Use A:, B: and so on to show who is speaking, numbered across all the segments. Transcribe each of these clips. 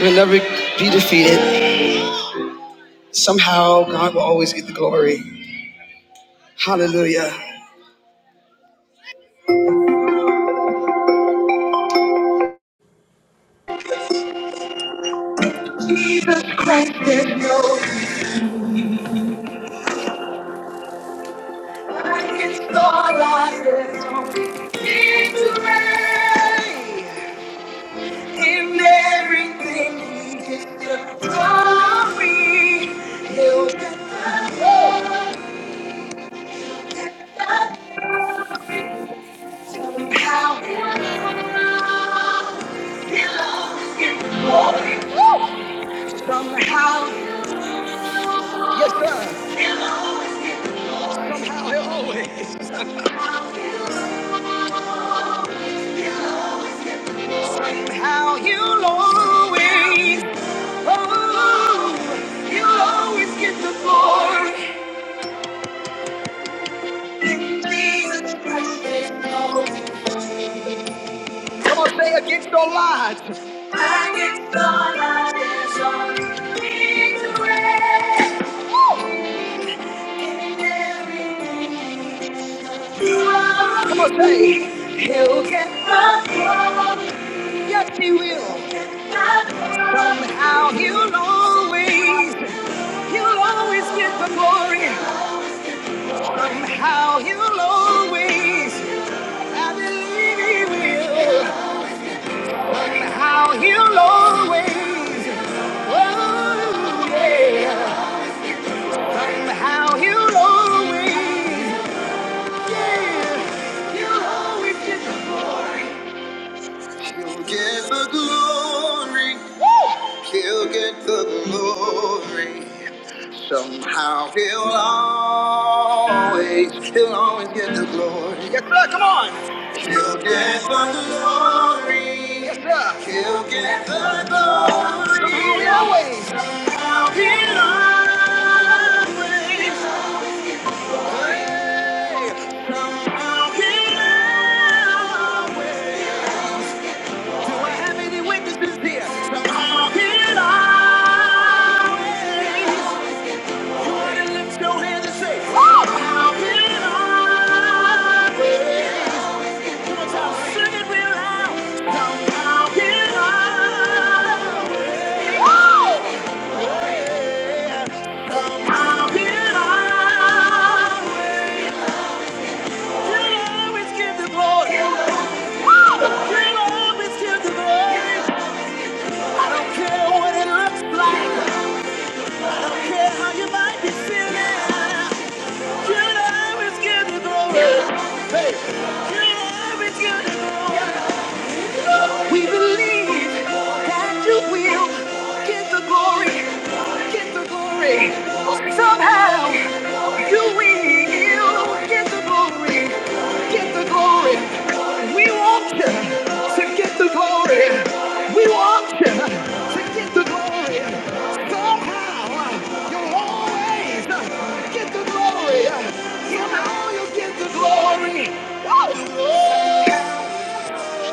A: We'll never be defeated. Somehow, God will always get the glory. Hallelujah. Jesus Christ is yours. I install our system. He's reigns in everything. He gets the glory. He'll get the glory. Somehow, He'll always get the glory. Somehow. How you'll always, oh, you'll always get the glory. In Jesus Christ, there's no Come on, say against all odds. Against all odds, there's only victory. In everything you are. Come on, say. He'll get the glory. Yes, he will. Somehow he'll always. He'll always get the glory. Somehow he'll always. I believe he will. Somehow he'll always. Oh, yeah. Somehow he'll always. Yeah. He'll always get the glory. He'll get the glory. He'll get the glory. Somehow he'll always, he'll always get the glory. Yes, sir, come on. He'll get the glory. Yes, sir. He'll get the glory. He'll always. Somehow he'll always. Hey. Somehow he'll always. Do I have any witnesses here? Somehow he'll always. I don't care what it looks like. I don't care how you might be feeling. You always get the glory. Hey. You always get the glory. We believe that you will get the glory, get the glory. Somehow you will get the glory, get the glory. We want you to get the glory. We want you to get the glory. Somehow you'll always get the glory. Somehow you'll get the glory. Oh. What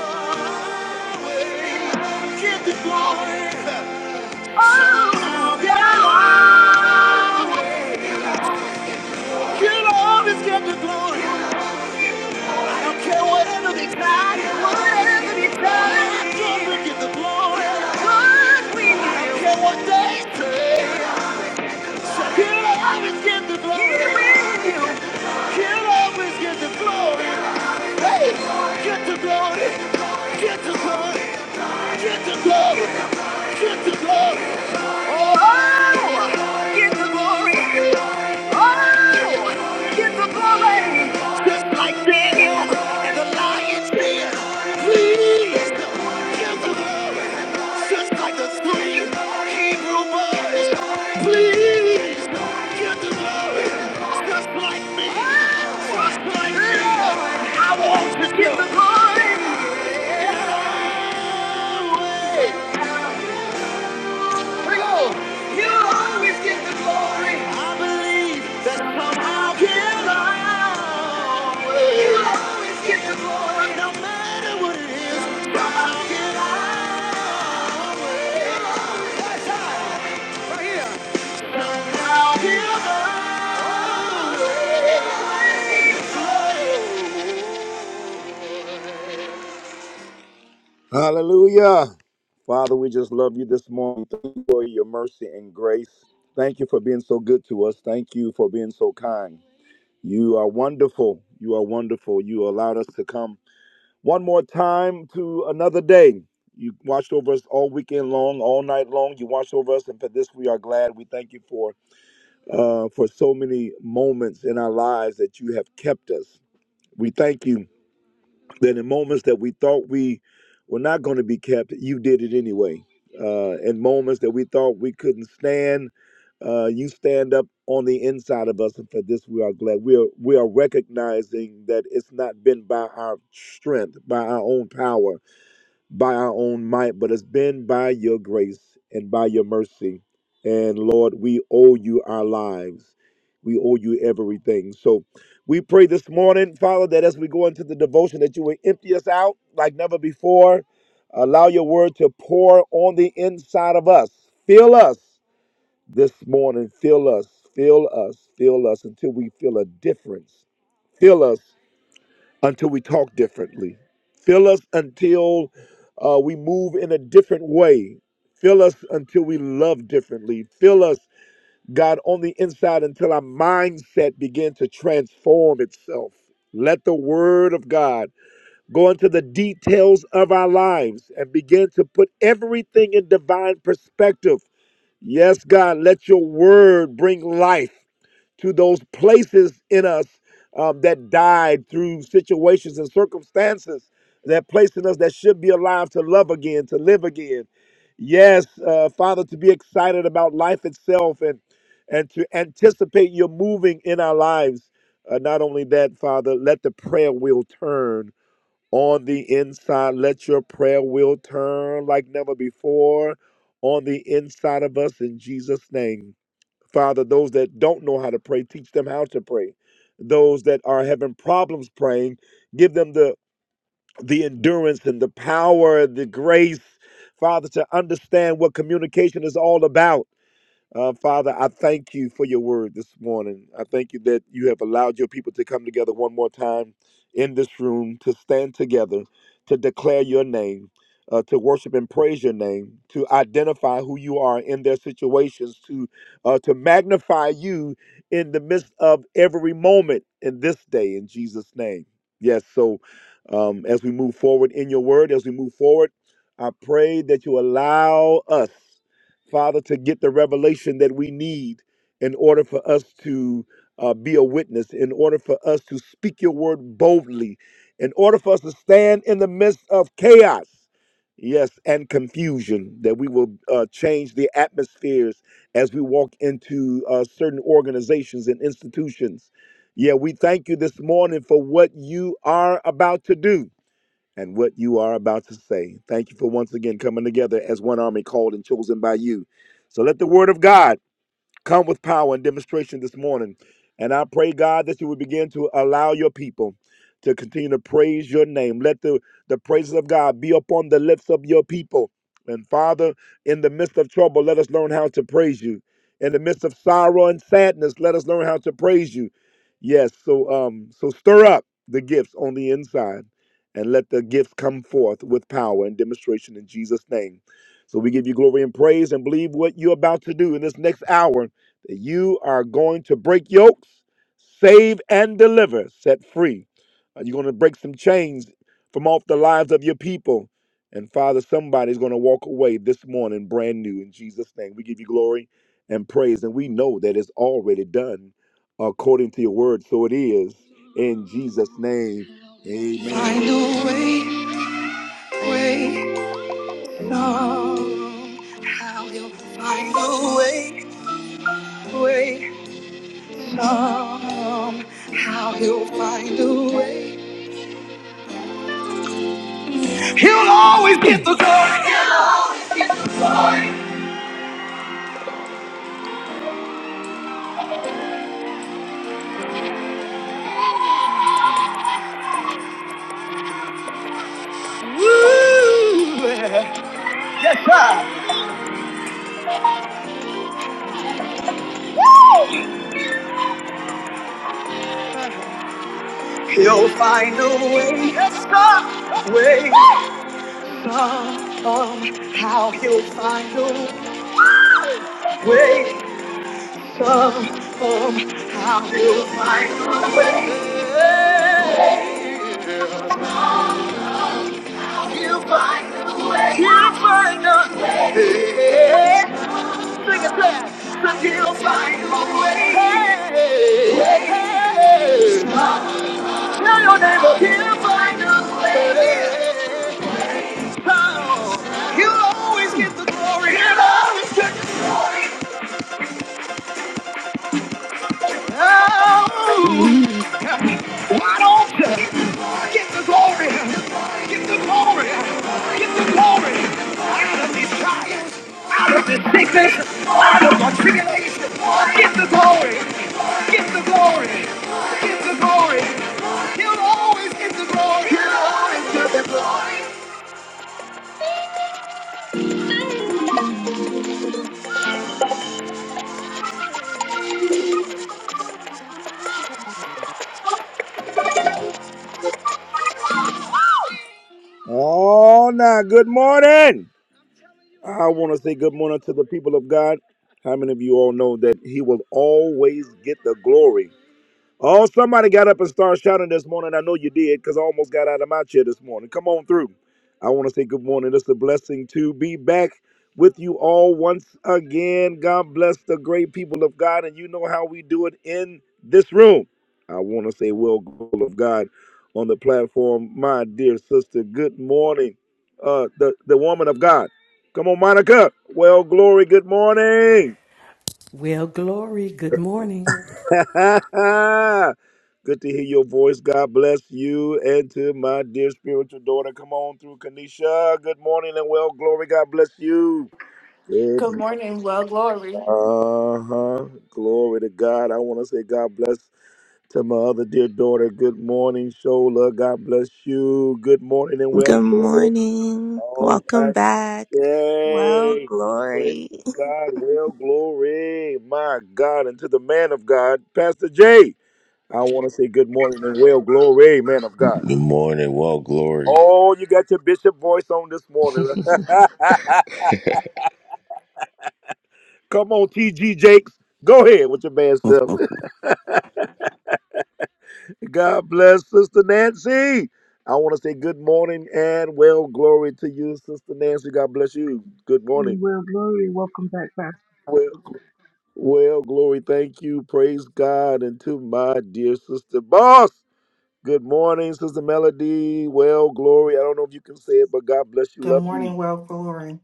A: they say He'll always get the glory. He'll always get the glory. Hey, get the glory. Get the glory. Get the glory. Get the glory. Oh, get the glory. Oh, Just like Daniel and the lion's den. Please, get the glory. Just like the three Hebrew boys. Please, get the glory. Just like me. Just like me. I want to get the glory. Yeah, yeah, yeah. You always get the glory. I believe that somehow he You always get the glory. No matter what it is, somehow he'll always. Stop right Hallelujah. Father, we just love you this morning. Thank you for your mercy and grace. Thank you for being so good to us. Thank you for being so kind. You are wonderful. You are wonderful. You allowed us to come one more time to another day. You watched over us all weekend long, all night long. You watched over us, and for this we are glad. We thank you for uh, for so many moments in our lives that you have kept us. We thank you that in moments that we thought we were not going to be kept, you did it anyway. Uh, in moments that we thought we couldn't stand, uh, you stand up on the inside of us, and for this we are glad. We are we are recognizing that it's not been by our strength, by our own power, by our own might, but it's been by your grace and by your mercy. And Lord, we owe you our lives. We owe you everything. So we pray this morning, Father, that as we go into the devotion, that you will empty us out like never before. Allow your word to pour on the inside of us. Fill us this morning. Fill us. Fill us. Fill us until we feel a difference. Fill us until we talk differently. Fill us until uh, we move in a different way. Fill us until we love differently. Fill us, God, on the inside until our mindset begins to transform itself. Let the word of God go into the details of our lives and begin to put everything in divine perspective. Yes, God, let your word bring life to those places in us um, that died through situations and circumstances that place in us that should be alive to love again, to live again. Yes, uh, Father, to be excited about life itself and and to anticipate your moving in our lives. Uh, not only that, Father, let the prayer wheel turn on the inside. Let your prayer wheel turn like never before on the inside of us in Jesus' name. Father, those that don't know how to pray, teach them how to pray. Those that are having problems praying, give them the the endurance and the power, the grace, Father, to understand what communication is all about uh, Father, I thank you for your word this morning. I thank you that you have allowed your people to come together one more time in this room to stand together, to declare your name, uh, to worship and praise your name, to identify who you are in their situations, to uh, to magnify you in the midst of every moment in this day. In Jesus' name, yes. So, um, as we move forward in your word, as we move forward, I pray that you allow us. Father, to get the revelation that we need in order for us to uh, be a witness, in order for us to speak your word boldly, in order for us to stand in the midst of chaos, yes, and confusion, that we will uh, change the atmospheres as we walk into uh, certain organizations and institutions. Yeah, we thank you this morning for what you are about to do and what you are about to say. Thank you for once again coming together as one army called and chosen by you. So let the word of God come with power and demonstration this morning. And I pray, God, that you would begin to allow your people to continue to praise your name. Let the, the praises of God be upon the lips of your people. And Father, in the midst of trouble, let us learn how to praise you. In the midst of sorrow and sadness, let us learn how to praise you. Yes, so um, so stir up the gifts on the inside and let the gifts come forth with power and demonstration in Jesus' name. So we give you glory and praise and believe what you're about to do in this next hour that you are going to break yokes, save and deliver, set free. Uh, You're going to break some chains from off the lives of your people. And Father, somebody's going to walk away this morning brand new in Jesus' name. We give you glory and praise. And we know that it's already done according to your word. So it is in Jesus' name. Amen. Find a way, way, no. find a way, way. come, how he'll find a way. He'll find a way. Yes, God. Way come, how he'll find a way. Come, come, how he'll find a way. He'll find a way. Sing it back. Sing, He'll find a way. Hey, hey. Hey. Tell your neighbor, he'll find a way. Oh, He'll always get the glory. He'll always get the glory. Oh, Oh, now, good morning. I want to say good morning to the people of God. How many of you all know that He will always get the glory? Oh, somebody got up and started shouting this morning. I know you did because I almost got out of my chair this morning. Come on through. I want to say good morning. It's a blessing to be back with you all once again. God bless the great people of God, and you know how we do it in this room. I want to say, well, goal of God on the platform, my dear sister. Good morning, uh, the the woman of God. Come on, Monica. Well, glory. Good morning.
B: Well, Glory, good morning.
A: Good to hear your voice. God bless you and to my dear spiritual daughter. Come on through, Kanisha. Good morning and well, glory. God bless you. Good.
C: Good morning. Well, glory.
A: Uh huh. Glory to God. I want to say God bless to my other dear daughter. Good morning, Shola. God bless you. Good morning and well,
D: Good
A: glory.
D: morning.
A: All
D: Welcome
A: right.
D: back. Well,
A: Yay. Praise
D: glory.
A: God. Well, glory. My God. And to the man of God, Pastor Jay. I want to say good morning and well glory, man of God.
E: Good morning, well, glory.
A: Oh, you got your bishop voice on this morning. Come on, TG Jakes. Go ahead with your bad self. God bless Sister Nancy. I want to say good morning and well glory to you, Sister Nancy. God bless you. Good
F: Hey,
A: morning.
F: well, glory, welcome back, Pastor.
A: Well, well glory. Thank you. Praise God. And to my dear sister boss. Good morning, Sister Melody. Well glory. I don't know if you can say it, but God bless you.
G: Good
A: Love you.
G: morning, well, glory.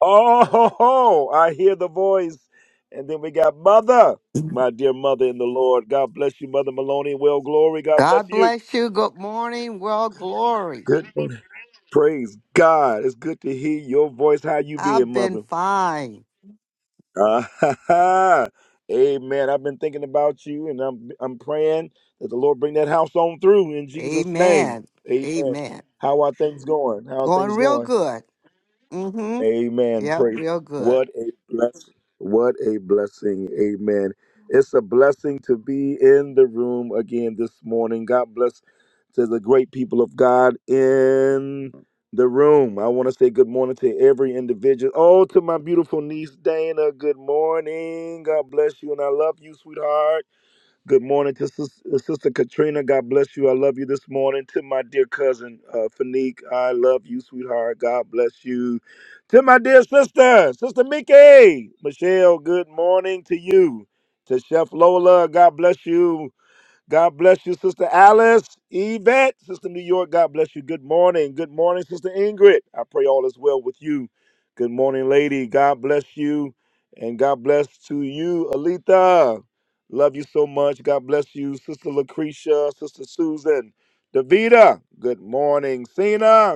A: Oh, ho, ho, I hear the voice. And then we got Mother, my dear Mother in the Lord. God bless you, Mother Maloney. Well, glory. God bless
H: God
A: you.
H: bless you. Good morning, world glory.
A: Good. Praise God. It's good to hear your voice. How you
H: I've
A: being,
H: been
A: Mother?
H: fine.
A: Ah, Amen. I've been thinking about you, and I'm I'm praying that the Lord bring that house on through in Jesus' name.
H: Amen.
A: Amen.
H: Amen.
A: How are things going? How are
H: Going
A: things
H: real
A: going?
H: good. Mm-hmm.
A: Amen.
H: Yep,
A: Praise.
H: real good.
A: What a blessing. What a blessing. Amen. It's a blessing to be in the room again this morning. God bless to the great people of God in the room. I want to say good morning to every individual. Oh, to my beautiful niece Dana. Good morning. God bless you and I love you, sweetheart. Good morning to Sis- uh, Sister Katrina. God bless you. I love you this morning. To my dear cousin, uh, Fanique, I love you, sweetheart. God bless you. To my dear sister, Sister Mickey, Michelle, good morning to you. To Chef Lola, God bless you. God bless you, Sister Alice, Yvette, Sister New York. God bless you. Good morning. Good morning, Sister Ingrid. I pray all is well with you. Good morning, lady. God bless you. And God bless to you, Alita. Love you so much. God bless you, Sister Lucretia, Sister Susan, Davita. Good morning, Cena.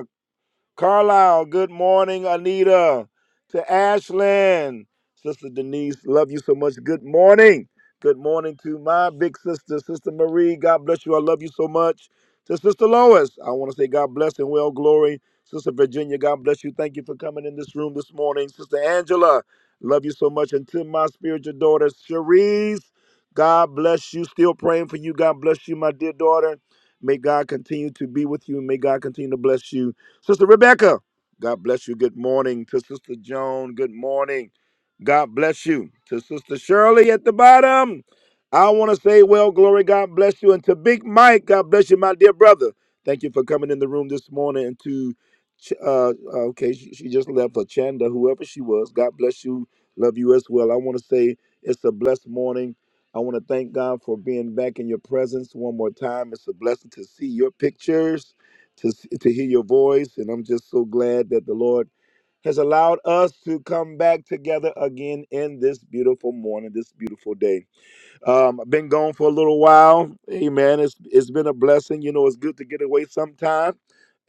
A: Carlisle, good morning, Anita. To Ashland, Sister Denise, love you so much. Good morning. Good morning to my big sister, Sister Marie. God bless you. I love you so much. To Sister Lois, I want to say God bless and well glory. Sister Virginia, God bless you. Thank you for coming in this room this morning. Sister Angela, love you so much. And to my spiritual daughter, Cherise, God bless you. Still praying for you. God bless you, my dear daughter. May God continue to be with you and may God continue to bless you. Sister Rebecca, God bless you. Good morning to Sister Joan. Good morning. God bless you. To Sister Shirley at the bottom, I want to say, well, glory, God bless you. And to Big Mike, God bless you, my dear brother. Thank you for coming in the room this morning. And to, Ch- uh, uh, okay, she, she just left, for Chanda, whoever she was, God bless you. Love you as well. I want to say it's a blessed morning. I want to thank God for being back in your presence one more time. It's a blessing to see your pictures to, to hear your voice. And I'm just so glad that the Lord has allowed us to come back together again in this beautiful morning, this beautiful day. Um, I've been gone for a little while. Amen. It's it's been a blessing. You know, it's good to get away sometime,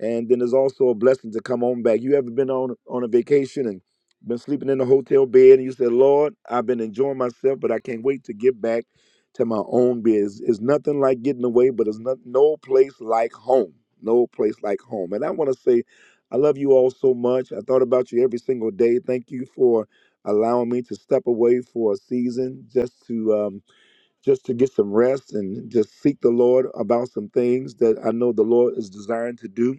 A: and then it's also a blessing to come on back. You ever been on on a vacation and been sleeping in a hotel bed, and you said, "Lord, I've been enjoying myself, but I can't wait to get back to my own bed." It's, it's nothing like getting away, but it's not no place like home. No place like home. And I want to say, I love you all so much. I thought about you every single day. Thank you for allowing me to step away for a season just to. um, just to get some rest and just seek the Lord about some things that I know the Lord is desiring to do.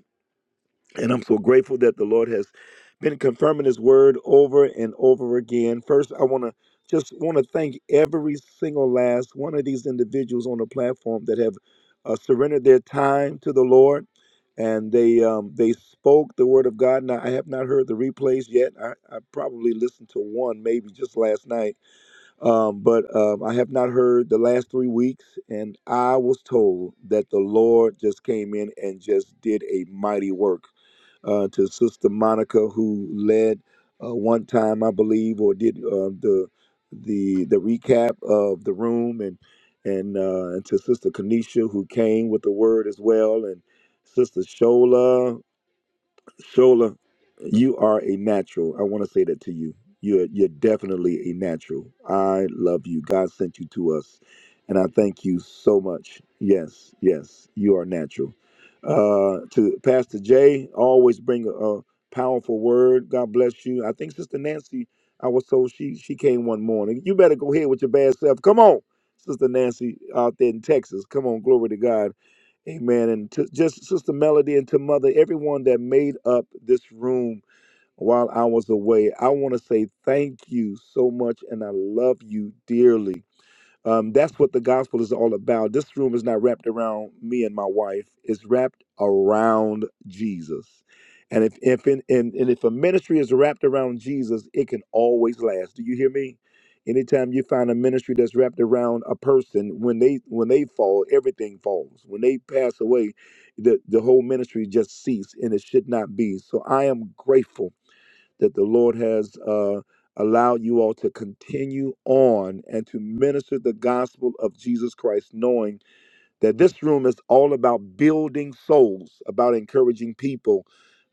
A: And I'm so grateful that the Lord has been confirming his word over and over again. First, I want to just want to thank every single last one of these individuals on the platform that have uh, surrendered their time to the Lord and they um, they spoke the word of God. Now I have not heard the replays yet. I, I probably listened to one maybe just last night um, but um, I have not heard the last three weeks, and I was told that the Lord just came in and just did a mighty work uh, to Sister Monica, who led uh, one time, I believe, or did uh, the the the recap of the room, and and uh, and to Sister Kanisha, who came with the word as well, and Sister Shola. Shola, you are a natural. I want to say that to you. You're you're definitely a natural. I love you. God sent you to us, and I thank you so much. Yes, yes, you are natural. Uh, to Pastor Jay, always bring a, a powerful word. God bless you. I think Sister Nancy, I was told she she came one morning. You better go ahead with your bad self. Come on, Sister Nancy, out there in Texas. Come on, glory to God Amen. And to just Sister Melody and to Mother, everyone that made up this room while I was away, I want to say thank you so much and I love you dearly. Um, that's what the gospel is all about. This room is not wrapped around me and my wife. It's wrapped around Jesus. And if if in, and, and if a ministry is wrapped around Jesus, it can always last. Do you hear me? Anytime you find a ministry that's wrapped around a person, when they when they fall, everything falls. When they pass away, the, the whole ministry just cease, and it should not be. So I am grateful that the Lord has uh, allowed you all to continue on and to minister the gospel of Jesus Christ, knowing that this room is all about building souls, about encouraging people,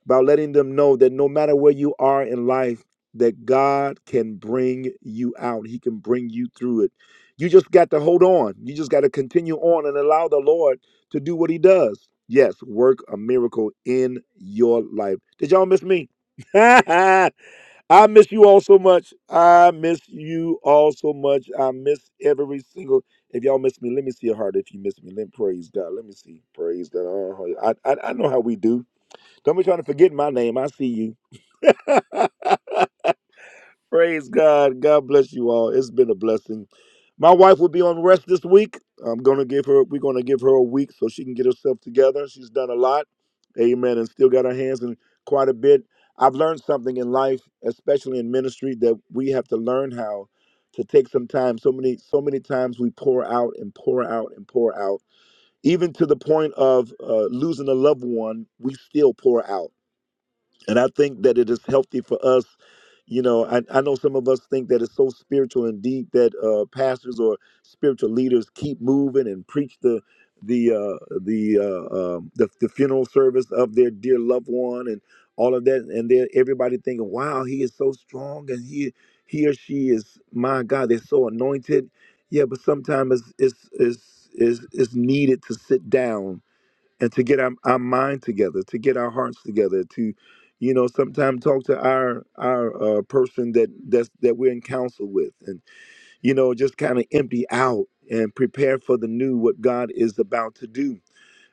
A: about letting them know that no matter where you are in life, that God can bring you out. He can bring you through it. You just got to hold on. You just got to continue on and allow the Lord to do what He does. Yes, work a miracle in your life. Did y'all miss me? I miss you all so much. I miss you all so much. I miss every single. If y'all miss me, let me see your heart. If you miss me, let praise God. Let me see. Praise God. Uh-huh. I, I I know how we do. Don't be trying to forget my name. I see you. Praise God. God bless you all. It's been a blessing. My wife will be on rest this week. I'm gonna give her. We're gonna give her a week so she can get herself together. She's done a lot, Amen, and still got her hands in quite a bit. I've learned something in life, especially in ministry, that we have to learn how to take some time. So many, so many times we pour out and pour out and pour out, even to the point of uh, losing a loved one. We still pour out and I think that it is healthy for us. You know, I, I know some of us think that it's so spiritual and deep that uh, pastors or spiritual leaders keep moving and preach the the uh, the, uh, um the the funeral service of their dear loved one and all of that, and then everybody thinking, "Wow, he is so strong, and he he or she is my God, they're so anointed." Yeah, but sometimes it's it's it's, it's, it's needed to sit down and to get our, our mind together to get our hearts together to you know sometimes talk to our our uh, person that that's that we're in counsel with and you know just kind of empty out and prepare for the new what god is about to do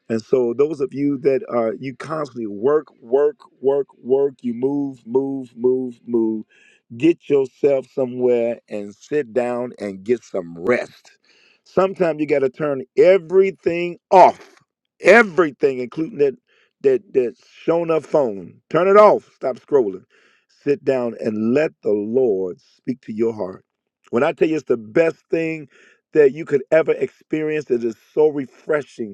A: and so, those of you that are, you constantly work, work, work, work, you move, move, move, move, get yourself somewhere and sit down and get some rest. Sometimes you got to turn everything off, everything, including that, that, that shown up phone. Turn it off. Stop scrolling. Sit down and let the Lord speak to your heart. When I tell you it's the best thing that you could ever experience, it is so refreshing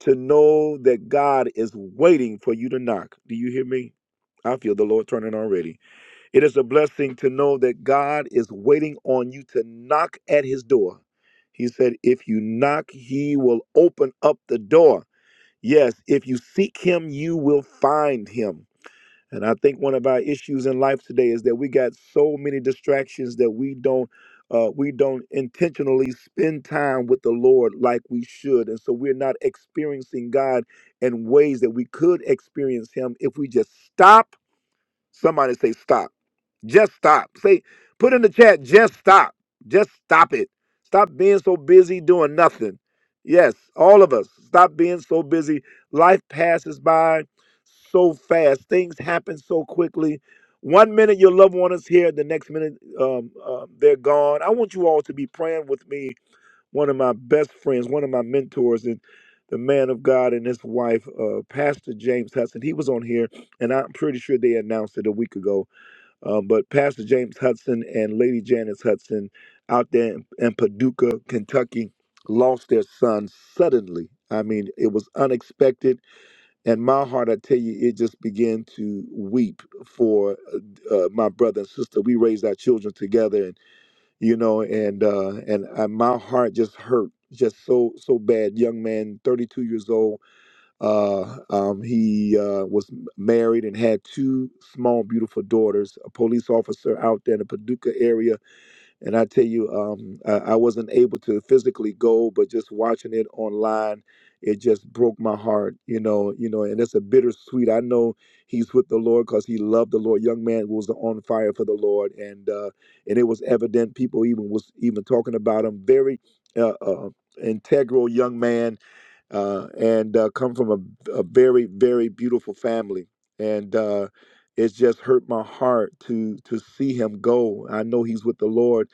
A: to know that God is waiting for you to knock. Do you hear me? I feel the Lord turning already. It is a blessing to know that God is waiting on you to knock at his door. He said, If you knock, he will open up the door. Yes, if you seek him, you will find him. And I think one of our issues in life today is that we got so many distractions that we don't uh, we don't intentionally spend time with the Lord like we should, and so we're not experiencing God in ways that we could experience Him if we just stop. Somebody say stop just stop. Say, put in the chat, just stop. Just stop it. Stop being so busy doing nothing. Yes, all of us, stop being so busy. Life passes by so fast, things happen so quickly. One minute your loved one is here, the next minute um, uh, they're gone. I want you all to be praying with me, one of my best friends, one of my mentors, and the man of God and his wife, uh, Pastor James Hudson. He was on here, and I'm pretty sure they announced it a week ago um, but Pastor James Hudson and Lady Janice Hudson out there in, in Paducah, Kentucky, lost their son suddenly. I mean, it was unexpected. And my heart, I tell you, it just began to weep for uh, uh, my brother and sister. We raised our children together, and you know, and uh, and I, my heart just hurt just so so bad. Young man, 32 years old uh, um, he uh, was married and had two small, beautiful daughters. A police officer out there in the Paducah area, and I tell you, um, I, I wasn't able to physically go, but just watching it online, it just broke my heart. You know, you know, and it's a bittersweet. I know he's with the Lord because he loved the Lord. Young man was on fire for the Lord, and uh, and it was evident. People even was even talking about him. Very uh, uh, integral young man uh, and uh, come from a, a very very beautiful family and uh, it's just hurt my heart to to see him go i know he's with the lord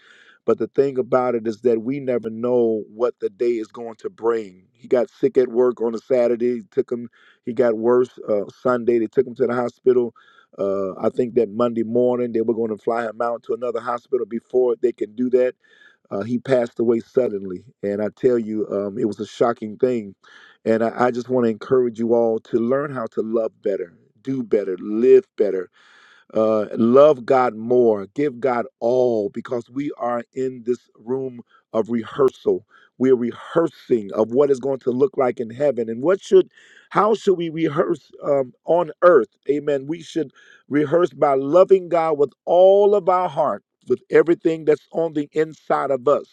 A: but the thing about it is that we never know what the day is going to bring he got sick at work on a saturday took him he got worse uh, sunday they took him to the hospital uh, i think that monday morning they were going to fly him out to another hospital before they can do that uh, he passed away suddenly, and I tell you, um, it was a shocking thing. And I, I just want to encourage you all to learn how to love better, do better, live better uh, love God more, give God all, because we are in this room of rehearsal. We're rehearsing of what is going to look like in heaven, and what should, how should we rehearse um, on earth? Amen. We should rehearse by loving God with all of our heart, with everything that's on the inside of us.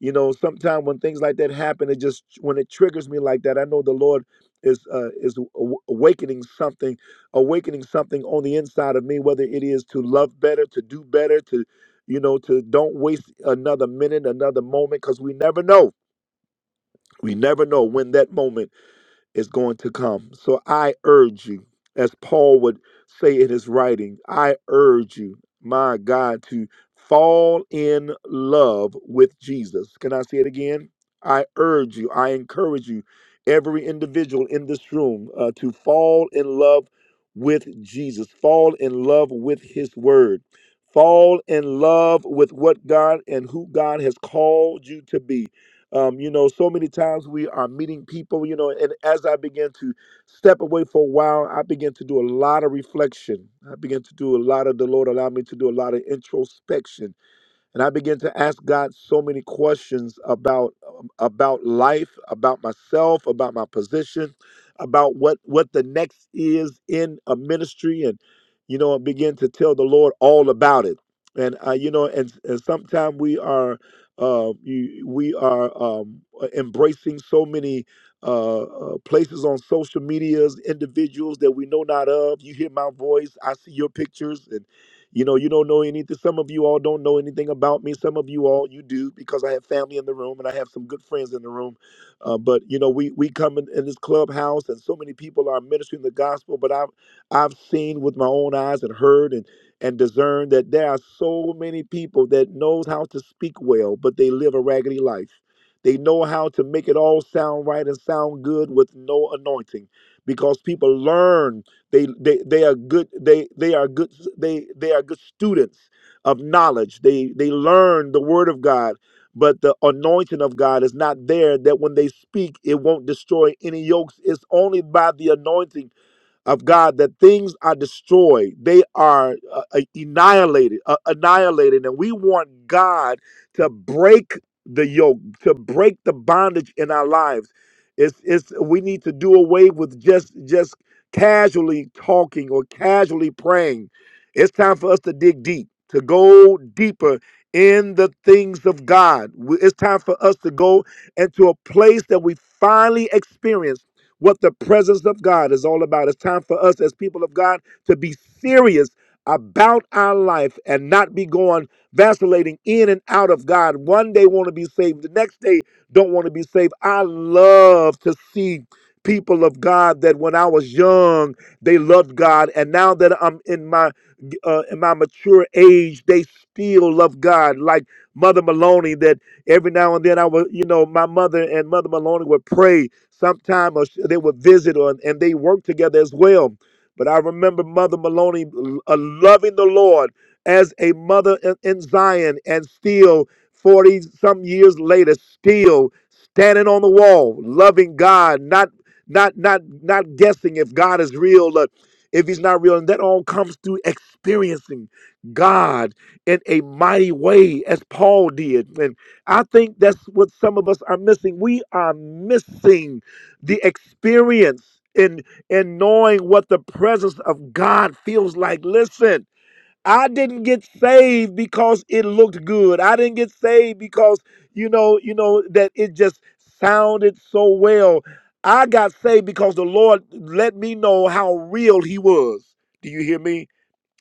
A: You know, sometimes when things like that happen, it just when it triggers me like that, I know the Lord is uh, is aw- awakening something awakening something on the inside of me whether it is to love better to do better to you know to don't waste another minute another moment because we never know we never know when that moment is going to come. So I urge you, as Paul would say in his writing, I urge you, my God, to fall in love with Jesus. Can I say it again? I urge you, I encourage you, every individual in this room, uh, to fall in love with Jesus, fall in love with his word. Fall in love with what God and who God has called you to be um, you know, so many times we are meeting people, you know, and as I began to step away for a while, I began to do a lot of reflection. I began to do a lot of the Lord allowed me to do a lot of introspection and I began to ask God so many questions about um, about life, about myself, about my position, about what what the next is in a ministry, and you know, I began to tell the Lord all about it. And uh, you know, and, and sometimes we are uh, you- we are um, embracing so many uh, uh, places on social medias, individuals that we know not of. You hear my voice, I see your pictures, you know, you don't know anything. Some of you all don't know anything about me. Some of you all you do because I have family in the room and I have some good friends in the room. Uh, but you know, we we come in, in this clubhouse and so many people are ministering the gospel. But I've I've seen with my own eyes and heard and and discerned that there are so many people that knows how to speak well, but they live a raggedy life. They know how to make it all sound right and sound good with no anointing because people learn they they they are good they they are good they they are good students of knowledge. They they learn the word of God, but the anointing of God is not there that when they speak it won't destroy any yokes. It's only by the anointing of God that things are destroyed, they are uh, uh, annihilated, uh, annihilated, and we want God to break the yoke, to break the bondage in our lives. It's it's we need to do away with just just casually talking or casually praying. It's time for us to dig deep, to go deeper in the things of God. We- It's time for us to go into a place that we finally experience what the presence of God is all about. It's time for us as people of God to be serious about our life and not be going vacillating in and out of God. One day want to be saved, the next day don't want to be saved. I love to see people of God that when I was young, they loved God and now that I'm in my uh, in my mature age, they still love God. Like Mother Maloney that every now and then I would, you know, my mother and Mother Maloney would pray sometime or sh- they would visit or, and they worked together as well. But I remember Mother Maloney uh, loving the Lord as a mother in, in Zion and still 40 some years later, still standing on the wall, loving God, not not not not guessing if God is real or if he's not real. And that all comes through experiencing God in a mighty way as Paul did. And I think that's what some of us are missing. We are missing the experience in in knowing what the presence of God feels like. Listen, I didn't get saved because it looked good. I didn't get saved because you know, you know that it just sounded so well. I got saved because the Lord let me know how real he was. Do you hear me?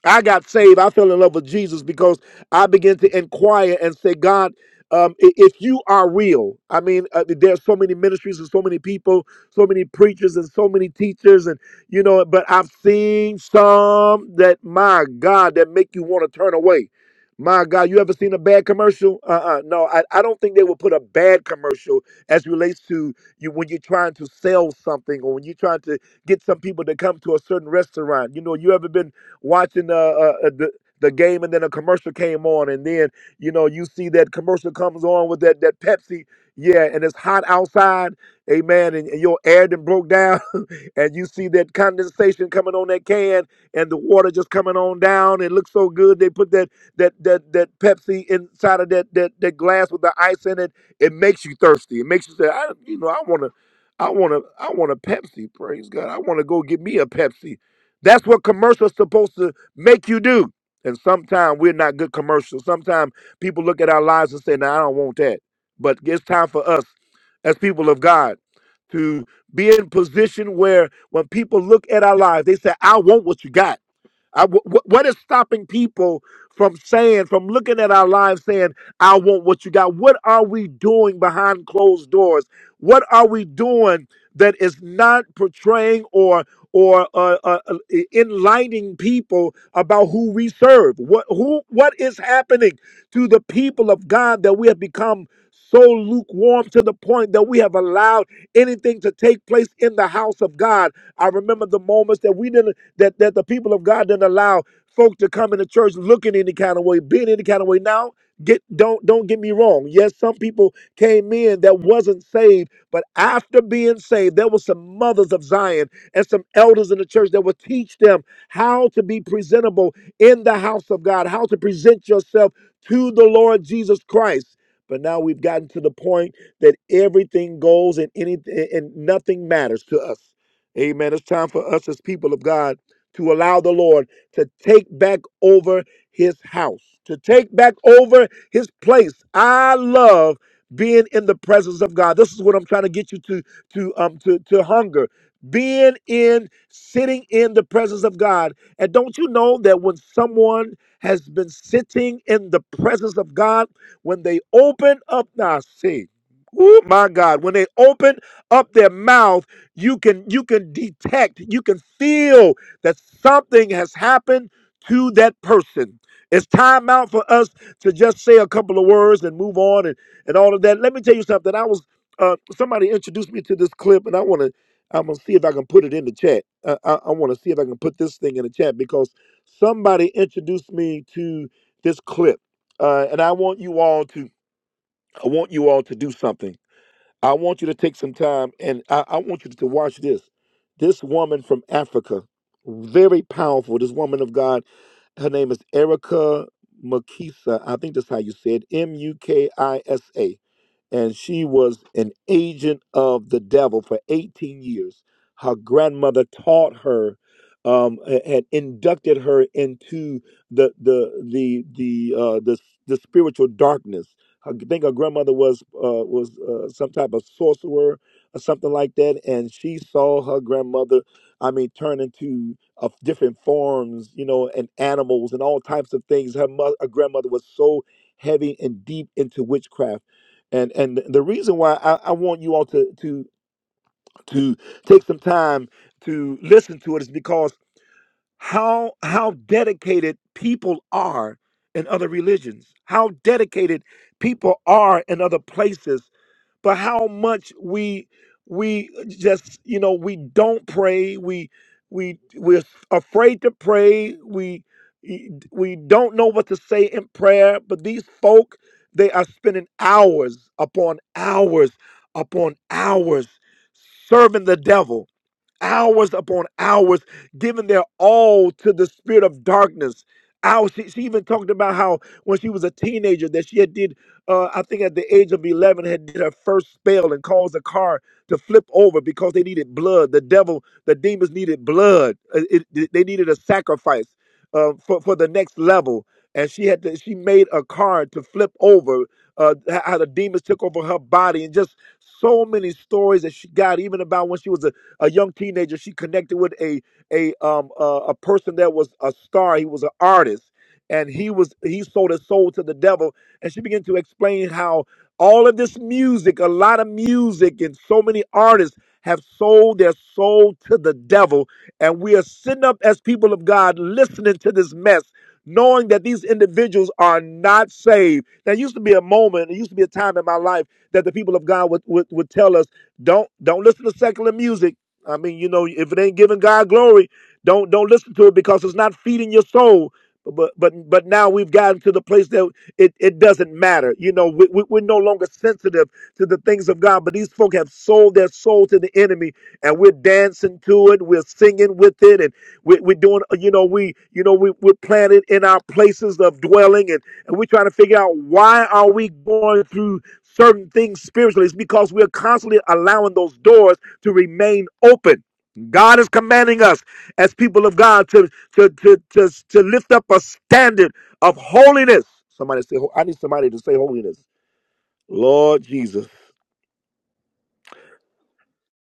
A: I got saved. I fell in love with Jesus because I began to inquire and say, God, um, i- if you are real, I mean, uh, there's so many ministries and so many people, so many preachers and so many teachers, and you know, but I've seen some that, my God, that make you want to turn away. My God, you ever seen a bad commercial? Uh-uh. No, I, I don't think they would put a bad commercial as relates to you when you're trying to sell something or when you're trying to get some people to come to a certain restaurant. You know, you ever been watching uh, uh, uh, the the game, and then a commercial came on, and then you know you see that commercial comes on with that that Pepsi, yeah, and it's hot outside, amen, and, and your air done broke down, and you see that condensation coming on that can, and the water just coming on down. It looks so good. They put that that that that Pepsi inside of that that that glass with the ice in it. It makes you thirsty. It makes you say, I, you know, I want to. I want to, I want a Pepsi. Praise God! I want to go get me a Pepsi. That's what commercials supposed to make you do. And sometimes we're not good commercials. Sometimes people look at our lives and say, "No, I don't want that." But it's time for us, as people of God, to be in position where when people look at our lives, they say, "I want what you got." I, wh- wh- what is stopping people from saying, from looking at our lives, saying, "I want what you got"? What are we doing behind closed doors? What are we doing? that is not portraying or or uh, uh, uh, enlightening people about who we serve. What who what is happening to the people of God that we have become so lukewarm to the point that we have allowed anything to take place in the house of God. I remember the moments that we didn't that that the people of God didn't allow folk to come into church looking any kind of way, being any kind of way. Now, get don't don't get me wrong. Yes, some people came in that wasn't saved but after being saved, there were some mothers of Zion and some elders in the church that would teach them how to be presentable in the house of God, how to present yourself to the Lord Jesus Christ. But now we've gotten to the point that everything goes and anything and nothing matters to us. Amen. It's time for us as people of God to allow the Lord to take back over his house, to take back over his place. I love being in the presence of God. This is what I'm trying to get you to to um to to hunger. Being in sitting in the presence of God. And don't you know that when someone has been sitting in the presence of God, when they open up now see, oh my God, when they open up their mouth, you can you can detect, you can feel that something has happened to that person. It's time out for us to just say a couple of words and move on and and all of that. Let me tell you something. I was uh, somebody introduced me to this clip, and I want to. I'm gonna see if I can put it in the chat. Uh, I, I want to see if I can put this thing in the chat because somebody introduced me to this clip, uh, and I want you all to. I want you all to do something. I want you to take some time, and I, I want you to watch this. This woman from Africa, very powerful. This woman of God her name is Erica Mukisa. I think that's how you say it. M U K I S A and she was an agent of the devil for 18 years. Her grandmother taught her, um, a- had inducted her into the the the the uh, the, the spiritual darkness. I think her grandmother was uh, was uh, some type of sorcerer or something like that, and she saw her grandmother. I mean, turn into of different forms, you know, and animals and all types of things. Her mother, her grandmother was so heavy and deep into witchcraft and and the reason why I, I want you all to to to take some time to listen to it is because how how dedicated people are in other religions how dedicated people are in other places but how much we we just you know we don't pray we we we're afraid to pray we e, we don't know what to say in prayer but these folk they are spending hours upon hours upon hours serving the devil hours upon hours, giving their all to the spirit of darkness. Hours. She, she even talked about how when she was a teenager that she had did, uh, I think at the age of eleven, had did her first spell and caused a car to flip over because they needed blood. The devil the demons needed blood. Uh, it- they needed a sacrifice uh, for for the next level. And she had to, she made a card to flip over uh, how the demons took over her body, and just so many stories that she got, even about when she was a, a young teenager. She connected with a a um uh, a person that was a star. He was an artist, and he was he sold his soul to the devil and she began to explain how all of this music a lot of music and so many artists have sold their soul to the devil and we are sitting up as people of god listening to this mess knowing that these individuals are not saved there used to be a moment there used to be a time in my life that the people of god would, would, would tell us don't don't listen to secular music i mean you know if it ain't giving god glory don't don't listen to it because it's not feeding your soul but but but now we've gotten to the place that it, it doesn't matter. You know, we, we, we're no longer sensitive to the things of God. But these folk have sold their soul to the enemy, and we're dancing to it. We're singing with it, and we, we're doing. You know, we you know we we're planted in our places of dwelling, and and we're trying to figure out why are we going through certain things spiritually. It's because we're constantly allowing those doors to remain open God is commanding us as people of God to to to to, to lift up a standard of holiness. Somebody say, ho- I need somebody to say holiness. Lord Jesus.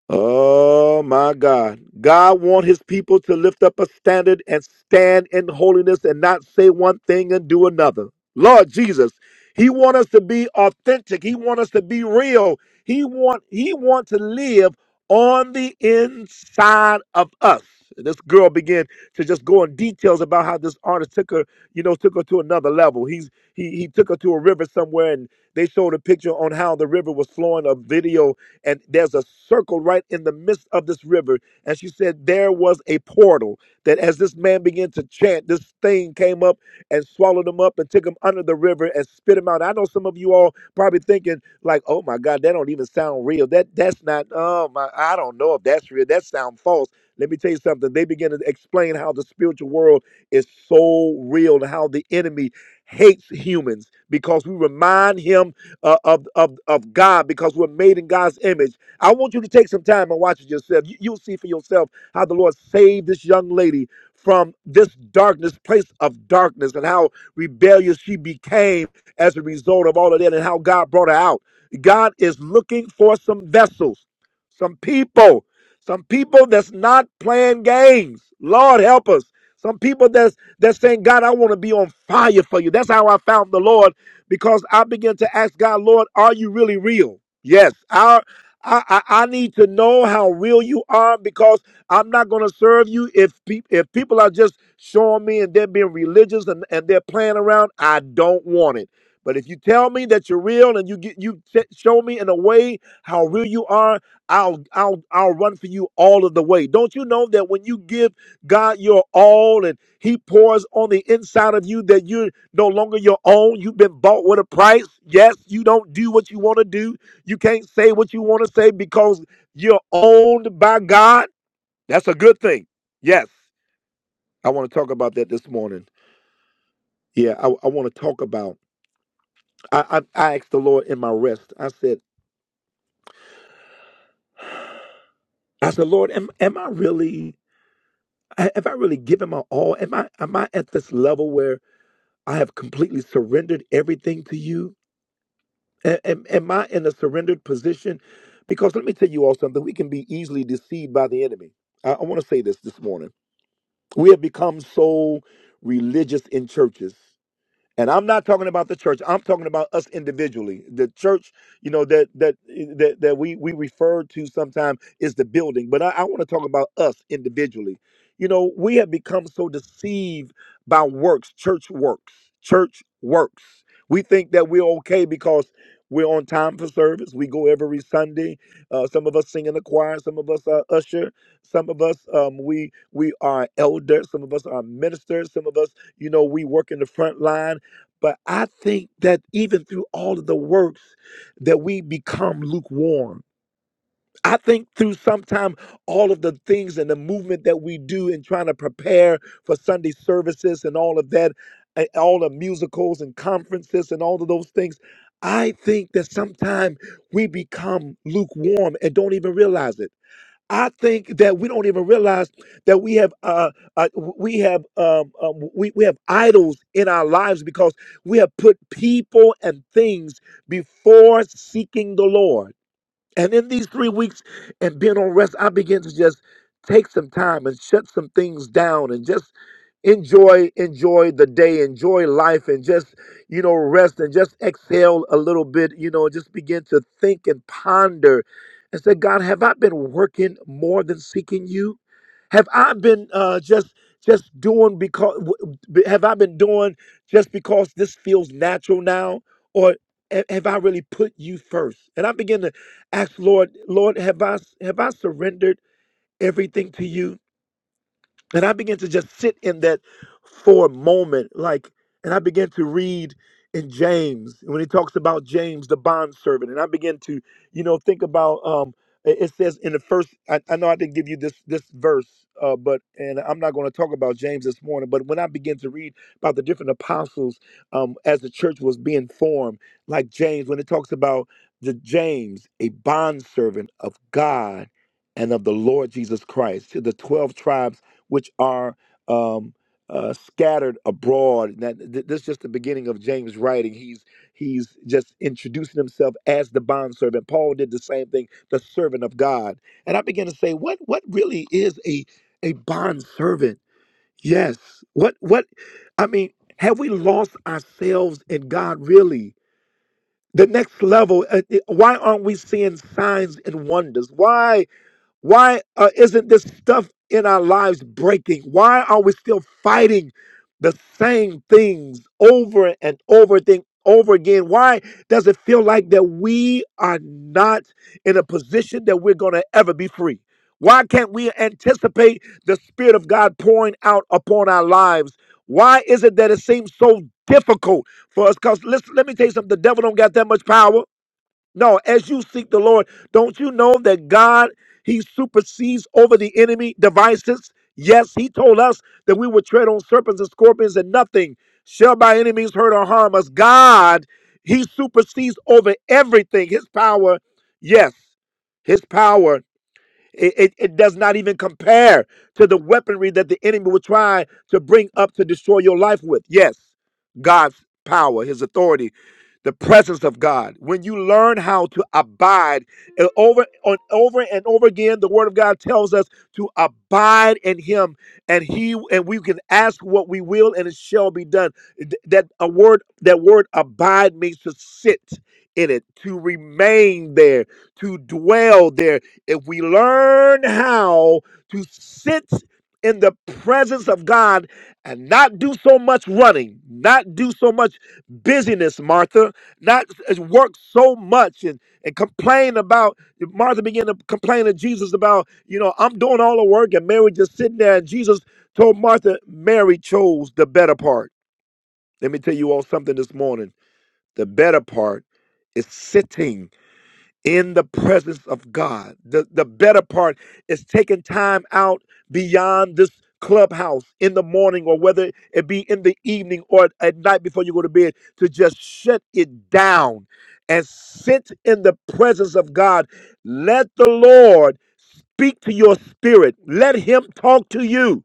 A: Oh my God. God wants his people to lift up a standard and stand in holiness and not say one thing and do another. Lord Jesus. He wants us to be authentic. He wants us to be real. He want he want to live on the inside of us. This girl began to just go in details about how this artist took her, you know, took her to another level. He's he he took her to a river somewhere, and they showed a picture on how the river was flowing. A video, and there's a circle right in the midst of this river. And she said there was a portal that, as this man began to chant, this thing came up and swallowed him up and took him under the river and spit him out. I know some of you all probably thinking like, "Oh my God, that don't even sound real. That that's not. Oh my, I don't know if that's real. That sound false." Let me tell you something. They begin to explain how the spiritual world is so real and how the enemy hates humans because we remind him uh, of, of, of God because we're made in God's image. I want you to take some time and watch it yourself. You, you'll see for yourself how the Lord saved this young lady from this darkness, place of darkness, and how rebellious she became as a result of all of that and how God brought her out. God is looking for some vessels, some people. Some people that's not playing games. Lord help us. Some people that's that's saying, God, I want to be on fire for you. That's how I found the Lord because I began to ask God, Lord, are you really real? Yes. Our I, I, I need to know how real you are because I'm not going to serve you if pe- if people are just showing me and they're being religious and, and they're playing around. I don't want it. But if you tell me that you're real and you get you t- show me in a way how real you are, I'll I'll I'll run for you all of the way. Don't you know that when you give God your all and he pours on the inside of you that you're no longer your own, you've been bought with a price. Yes, you don't do what you want to do. You can't say what you want to say because you're owned by God. That's a good thing. Yes. I want to talk about that this morning. Yeah, I, I want to talk about I, I I asked the Lord in my rest. I said I said, Lord, am am I really I- have I really given my all? Am I am I at this level where I have completely surrendered everything to you? A- Am, am I in a surrendered position? Because let me tell you all something. We can be easily deceived by the enemy. I, I want to say this this morning. We have become so religious in churches. And I'm not talking about the church. I'm talking about us individually. The church, you know, that that that, that we we refer to sometimes is the building, but I, I want to talk about us individually. You know, we have become so deceived by works, church works, church works. We think that we're okay because we're on time for service. We go every Sunday. Uh, some of us sing in the choir. Some of us are usher. Some of us um, we we are elders. Some of us are ministers. Some of us, you know, we work in the front line but I think that even through all of the works, that we become lukewarm. I think through sometime all of the things and the movement that we do in trying to prepare for Sunday services and all of that, and all the musicals and conferences and all of those things, I think that sometime we become lukewarm and don't even realize it. I think that we don't even realize that we have uh, uh we have um, um we, we have idols in our lives because we have put people and things before seeking the Lord and in these three weeks and being on rest, I began to just take some time and shut some things down and just enjoy enjoy the day enjoy life and just you know rest and just exhale a little bit you know just begin to think and ponder and say god have i been working more than seeking you have i been uh just just doing because w- b- have i been doing just because this feels natural now or ha- have i really put you first and i begin to Ask Lord, Lord, have I have I surrendered everything to you? And I began to just sit in that for a moment, like, and I began to read in James when he talks about James, the bondservant. And I began to, you know, think about um it it says in the first I, I know I didn't give you this this verse, uh, but and I'm not gonna talk about James this morning, but when I began to read about the different apostles um as the church was being formed, like James, when it talks about the James, a bondservant of God and of the Lord Jesus Christ, to the twelve tribes which are um, uh, scattered abroad. That th- this is just the beginning of James' writing. He's he's just introducing himself as the bondservant. Paul did the same thing, the servant of God. And I began to say, what what really is a a bondservant? Yes. What what? I mean, have we lost ourselves in God really? The next level. uh, uh, Why aren't we seeing signs and wonders? Why? Why uh, isn't this stuff in our lives breaking? Why are we still fighting the same things over and over thing over again? Why does it feel like that we are not in a position that we're going to ever be free? Why can't we anticipate the Spirit of God pouring out upon our lives? Why is it that it seems so difficult for us? Because listen, let me tell you something: the devil don't got that much power. No, as you seek the Lord, don't you know that God, He supersedes over the enemy devices? Yes, He told us that we would tread on serpents and scorpions and nothing shall by any means hurt or harm us. God, He supersedes over everything. His power, yes, His power. It, it, it does not even compare to the weaponry that the enemy will try to bring up to destroy your life with. Yes, God's power, his authority, the presence of God. When you learn how to abide and over on over and over again, the word of God tells us to abide in him and he and we can ask what we will and it shall be done. Th- That a word that word abide means to sit in it, to remain there, to dwell there if we learn how to sit in the presence of God and not do so much running, not do so much busyness, Martha, not work so much and, and complain about, Martha began to complain to Jesus about, you know, I'm doing all the work and Mary just sitting there. And Jesus told Martha, Mary chose the better part. Let me tell you all something this morning. The better part is sitting in the presence of God. The, the better part is taking time out beyond this clubhouse in the morning or whether it be in the evening or at night before you go to bed to just shut it down and sit in the presence of God. Let the Lord speak to your spirit, let Him talk to you.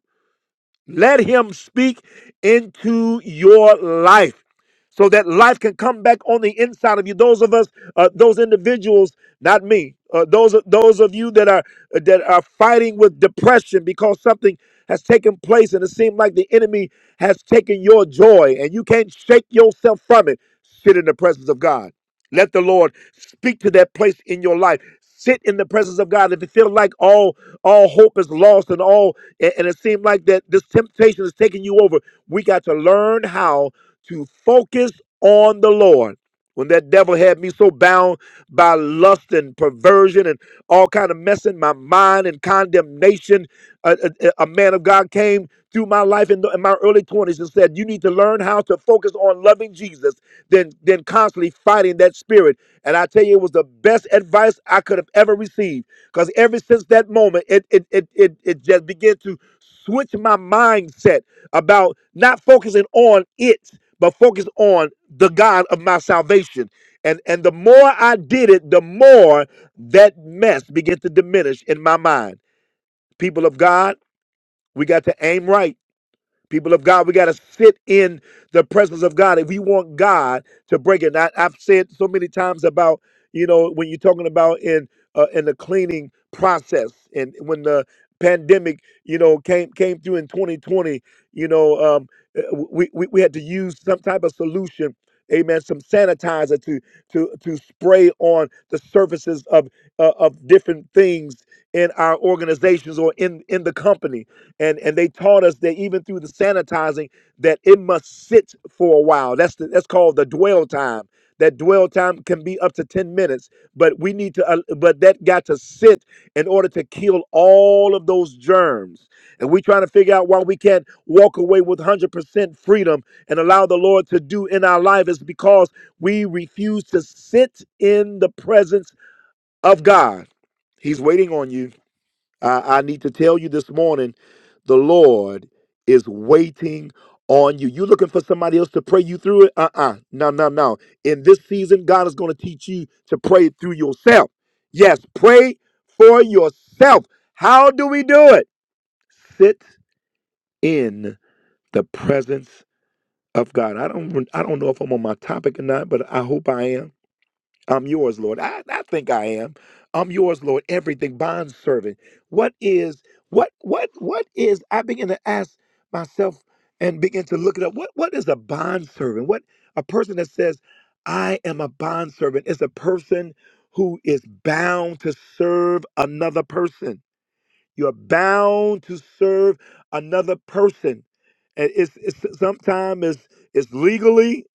A: Let him speak into your life so that life can come back on the inside of you. Those of us, uh, those individuals, not me, uh, those, those of you that are, that are fighting with depression because something has taken place and it seems like the enemy has taken your joy and you can't shake yourself from it. Sit in the presence of God. Let the Lord speak to that place in your life. Sit in the presence of God. If you feel like all all hope is lost and all and, and it seems like that this temptation is taking you over, we got to learn how to focus on the Lord when that devil had me so bound by lust and perversion and all kind of mess in my mind and condemnation a, a- a- man of god came through my life in, the, in my early 20s and said you need to learn how to focus on loving jesus than than constantly fighting that spirit and i tell you it was the best advice i could have ever received because ever since that moment it it, it it it just began to switch my mindset about not focusing on it but focus on the God of my salvation. And and the more I did it, the more that mess began to diminish in my mind. People of God, we got to aim right People of God, we got to sit in the presence of God if we want God to break it. And I, I've said so many times about you know when you're talking about in uh, in the cleaning process and when the pandemic you know came came through in 2020, you know um, uh, we, we we had to use some type of solution. Amen. Some sanitizer to to to spray on the surfaces of uh, of different things in our organizations or in in the company and and they taught us that even through the sanitizing that it must sit for a while that's the, that's called the dwell time that dwell time can be up to 10 minutes but we need to uh, but that got to sit in order to kill all of those germs and we trying to figure out why we can't walk away with 100% freedom and allow the lord to do in our life is because we refuse to sit in the presence of god he's waiting on you I, I need to tell you this morning the Lord is waiting on you. You looking for somebody else to pray you through it? Uh uh No, no, no. In this season, God is going to teach you to pray through yourself. Yes, pray for yourself. How do we do it? Sit in the presence of God. I don't I don't know if I'm on my topic or not, but I hope I am. I'm yours, Lord. I, I think I am. I'm yours, Lord. Everything, bond servant. What is what what what is I begin to ask myself and begin to look it up. What what is a bond servant? What a person that says, I am a bond servant is a person who is bound to serve another person. You're bound to serve another person. And it's, it's sometimes it's, it's legally,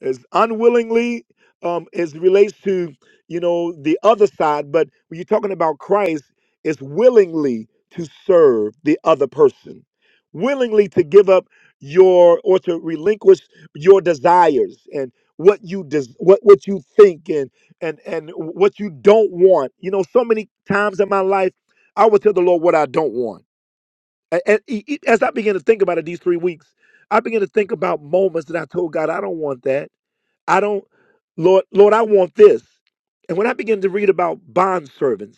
A: it's unwillingly, um, it relates to you know the other side. But when you're talking about Christ, it's willingly to serve the other person, willingly to give up your or to relinquish your desires and what you des- what what you think and and and what you don't want. You know, so many times in my life I would tell the Lord what I don't want. A- And e- e- as I began to think about it these three weeks, I began to think about moments that I told God, I don't want that. I don't, Lord, Lord, I want this. And when I began to read about bond servants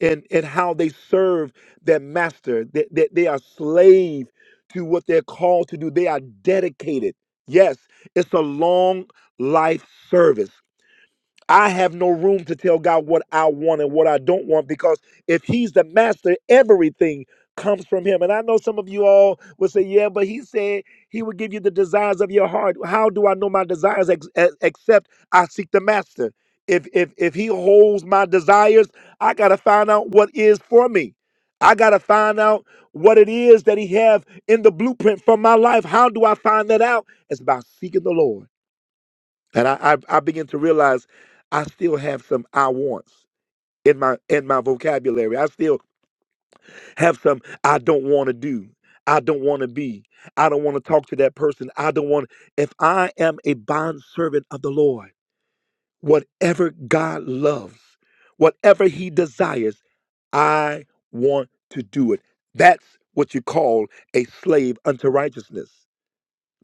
A: and, and how they serve their master, that, that they are slave to what they're called to do, they are dedicated. Yes, it's a long life service. I have no room to tell God what I want and what I don't want because if He's the master, everything comes from Him. And I know some of you all will say, Yeah, but He said He would give you the desires of your heart. How do I know my desires ex- ex- except I seek the master? If, if, if He holds my desires, I got to find out what is for me. I got to find out what it is that He have in the blueprint for my life. How do I find that out? It's by seeking the Lord. And I, I I began to realize I still have some I wants in my in my vocabulary. I still have some I don't want to do. I don't want to be. I don't want to talk to that person. I don't want if I am a bond servant of the Lord, whatever God loves, whatever he desires, I want to do it. That's what you call a slave unto righteousness.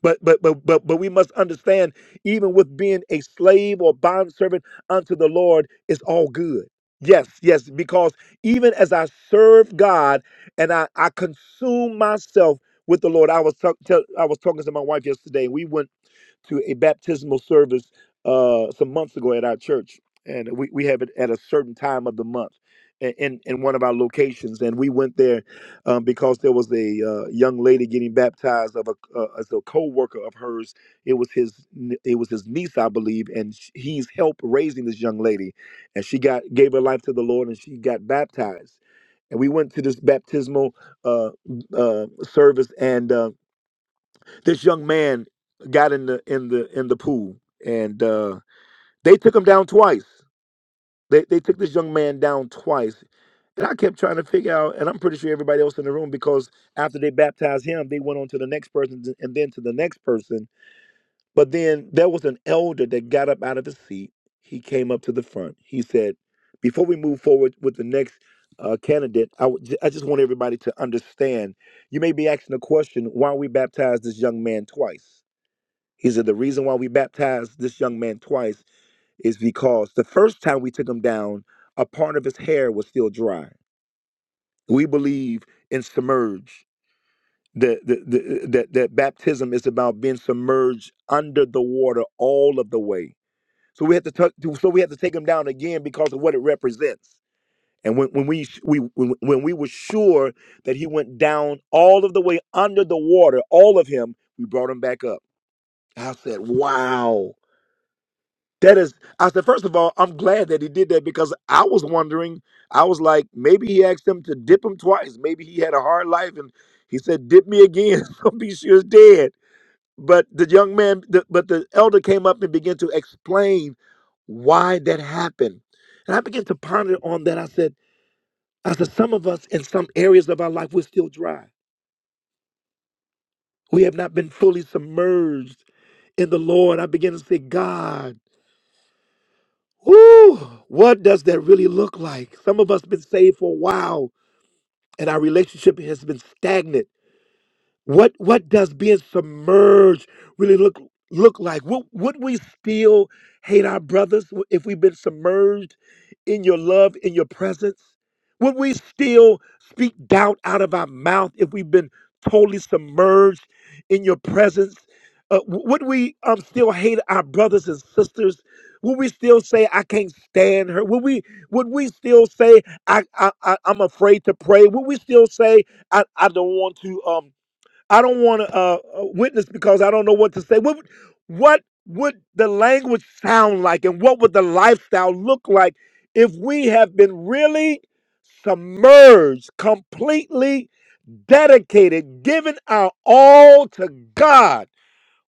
A: But but but but but we must understand, even with being a slave or bondservant unto the Lord, it's all good. Yes, yes, because even as I serve God and I, I consume myself with the Lord, I was talk, tell, I was talking to my wife yesterday. We went to a baptismal service uh, some months ago at our church, and we, we have it at a certain time of the month i- in in one of our locations. And we went there um, because there was a uh, young lady getting baptized of a uh, as a co-worker of hers. It was his n- it was his niece, I believe, and sh- he's helped raising this young lady, and she got gave her life to the Lord, and she got baptized. And we went to this baptismal uh, uh, service, and um, this young man got in the in the in the pool, and uh, they took him down twice. They they took this young man down twice, and I kept trying to figure out. And I'm pretty sure everybody else in the room, because after they baptized him, they went on to the next person and then to the next person. But then there was an elder that got up out of his seat. He came up to the front. He said, "Before we move forward with the next." Uh, candidate, I w- j- I just want everybody to understand you may be asking the question, why we baptized this young man twice? He said, The reason why we baptized this young man twice is because the first time we took him down, a part of his hair was still dry. We believe in submerge, that, that, that, that that baptism is about being submerged under the water all of the way. So we had to tuck- so we had to take him down again because of what it represents. And when, when we we when, when we were sure that he went down all of the way under the water, all of him, we brought him back up. I said, "Wow!" That is, I said, first of all, I'm glad that he did that because I was wondering. I was like, maybe he asked them to dip him twice. Maybe he had a hard life and he said, dip me again. I'll be sure it's dead. But the young man, the, but the elder came up and began to explain why that happened. And I began to ponder on that. I said, I said, some of us in some areas of our life, we're still dry. We have not been fully submerged in the Lord. I began to say, God. Whew, what does that really look like? Some of us been saved for a while and our relationship has been stagnant. What what does being submerged really look look like? Would, would we still hate our brothers w- if we've been submerged in your love, in your presence? Would we still speak doubt out of our mouth if we've been totally submerged in your presence? Uh, w- would we um, still hate our brothers and sisters? Would we still say I can't stand her? Would we would we still say I, I, I I'm afraid to pray? Would we still say I, I don't want to? um, I don't want to uh, uh, witness because I don't know what to say. What would, what would the language sound like, and what would the lifestyle look like if we have been really submerged, completely dedicated, giving our all to God?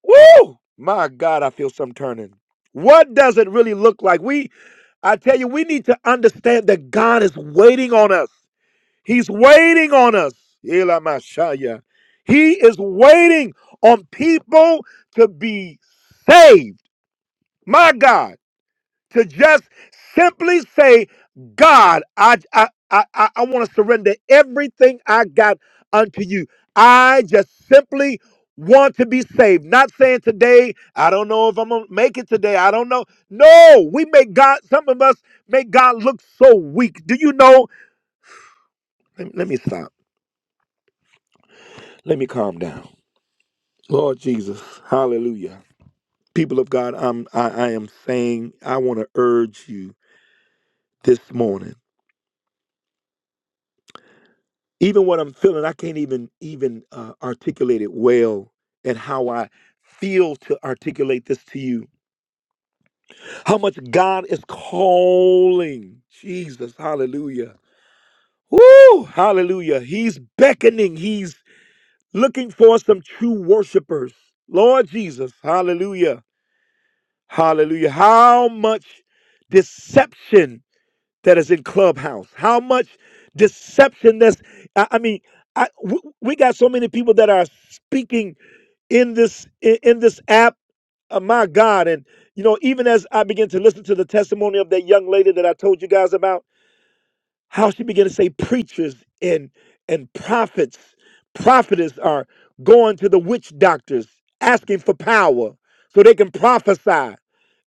A: Woo! My God, I feel some turning. What does it really look like? We, I tell you, we need to understand that God is waiting on us. He's waiting on us. Elamashaya. He is waiting on people to be saved. My God, to just simply say, God, I I I, I I want to surrender everything I got unto you. I just simply want to be saved. Not saying today, I don't know if I'm gonna make it today. I don't know. No, we make God, some of us make God look so weak. Do you know? Let, let me stop. Let me calm down. Lord Jesus, hallelujah. People of God, I'm, I, I am saying I want to urge you this morning. Even what I'm feeling, I can't even even uh, articulate it well and how I feel to articulate this to you. How much God is calling. Jesus, hallelujah. Woo, hallelujah. He's beckoning. He's looking for some true worshipers. Lord Jesus, hallelujah. Hallelujah. How much deception that is in clubhouse how much deception that's i, I mean I, w- we got so many people that are speaking in this in, in this app uh, my god and you know even as i begin to listen to the testimony of that young lady that i told you guys about how she began to say preachers and and prophets prophetess are going to the witch doctors asking for power so they can prophesy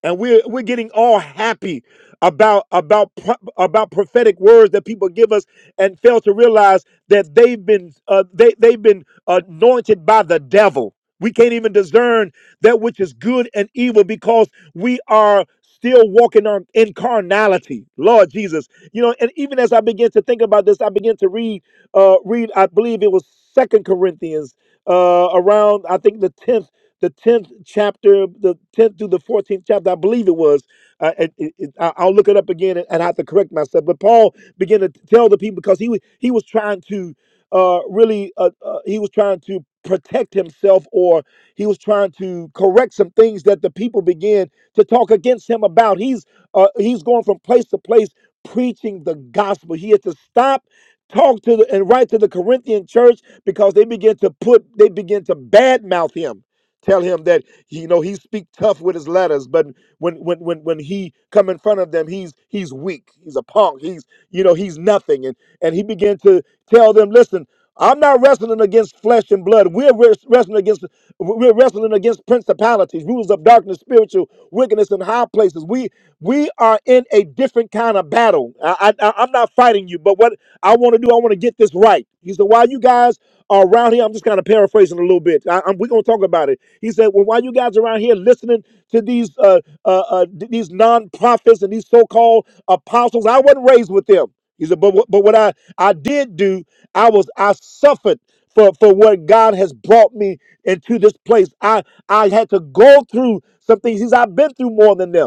A: and we're we're getting all happy about about pro- about prophetic words that people give us and fail to realize that they've been uh, they they've been anointed by the devil we can't even discern that which is good and evil because we are still walking on in carnality lord jesus you know, and even as I began to think about this, I began to read, uh, read. I believe it was Second Corinthians, uh, around I think the tenth, the tenth chapter, the tenth through the fourteenth chapter. I believe it was. Uh, it, it, it- I- I'll look it up again, and, and I have to correct myself. But Paul began to tell the people because he was he was trying to uh, really uh, uh, he was trying to protect himself or he was trying to correct some things that the people began to talk against him about he's uh, he's going from place to place preaching the gospel. He had to stop, talk to the, and write to the Corinthian church because they begin to put, they begin to badmouth him. Tell him that you know he speak tough with his letters, but when when when when he come in front of them, he's he's weak. He's a punk. He's you know he's nothing. And and he began to tell them, listen, I'm not wrestling against flesh and blood. We're wres- wrestling against we're wrestling against principalities, rulers of darkness, spiritual wickedness in high places. We we are in a different kind of battle. I, I I- I'm not fighting you, but what I want to do, I want to get this right. He said, why you guys? are around here, I'm just kind of paraphrasing a little bit. I, am we're gonna talk about it. He said, "Well, why you guys around here listening to these uh, uh, uh, th- these non-prophets and these so-called apostles? I wasn't raised with them." He said, "But what- but what I I did do, I was I suffered." For, for what God has brought me into this place. I I had to go through some things. He's I've been through more than them.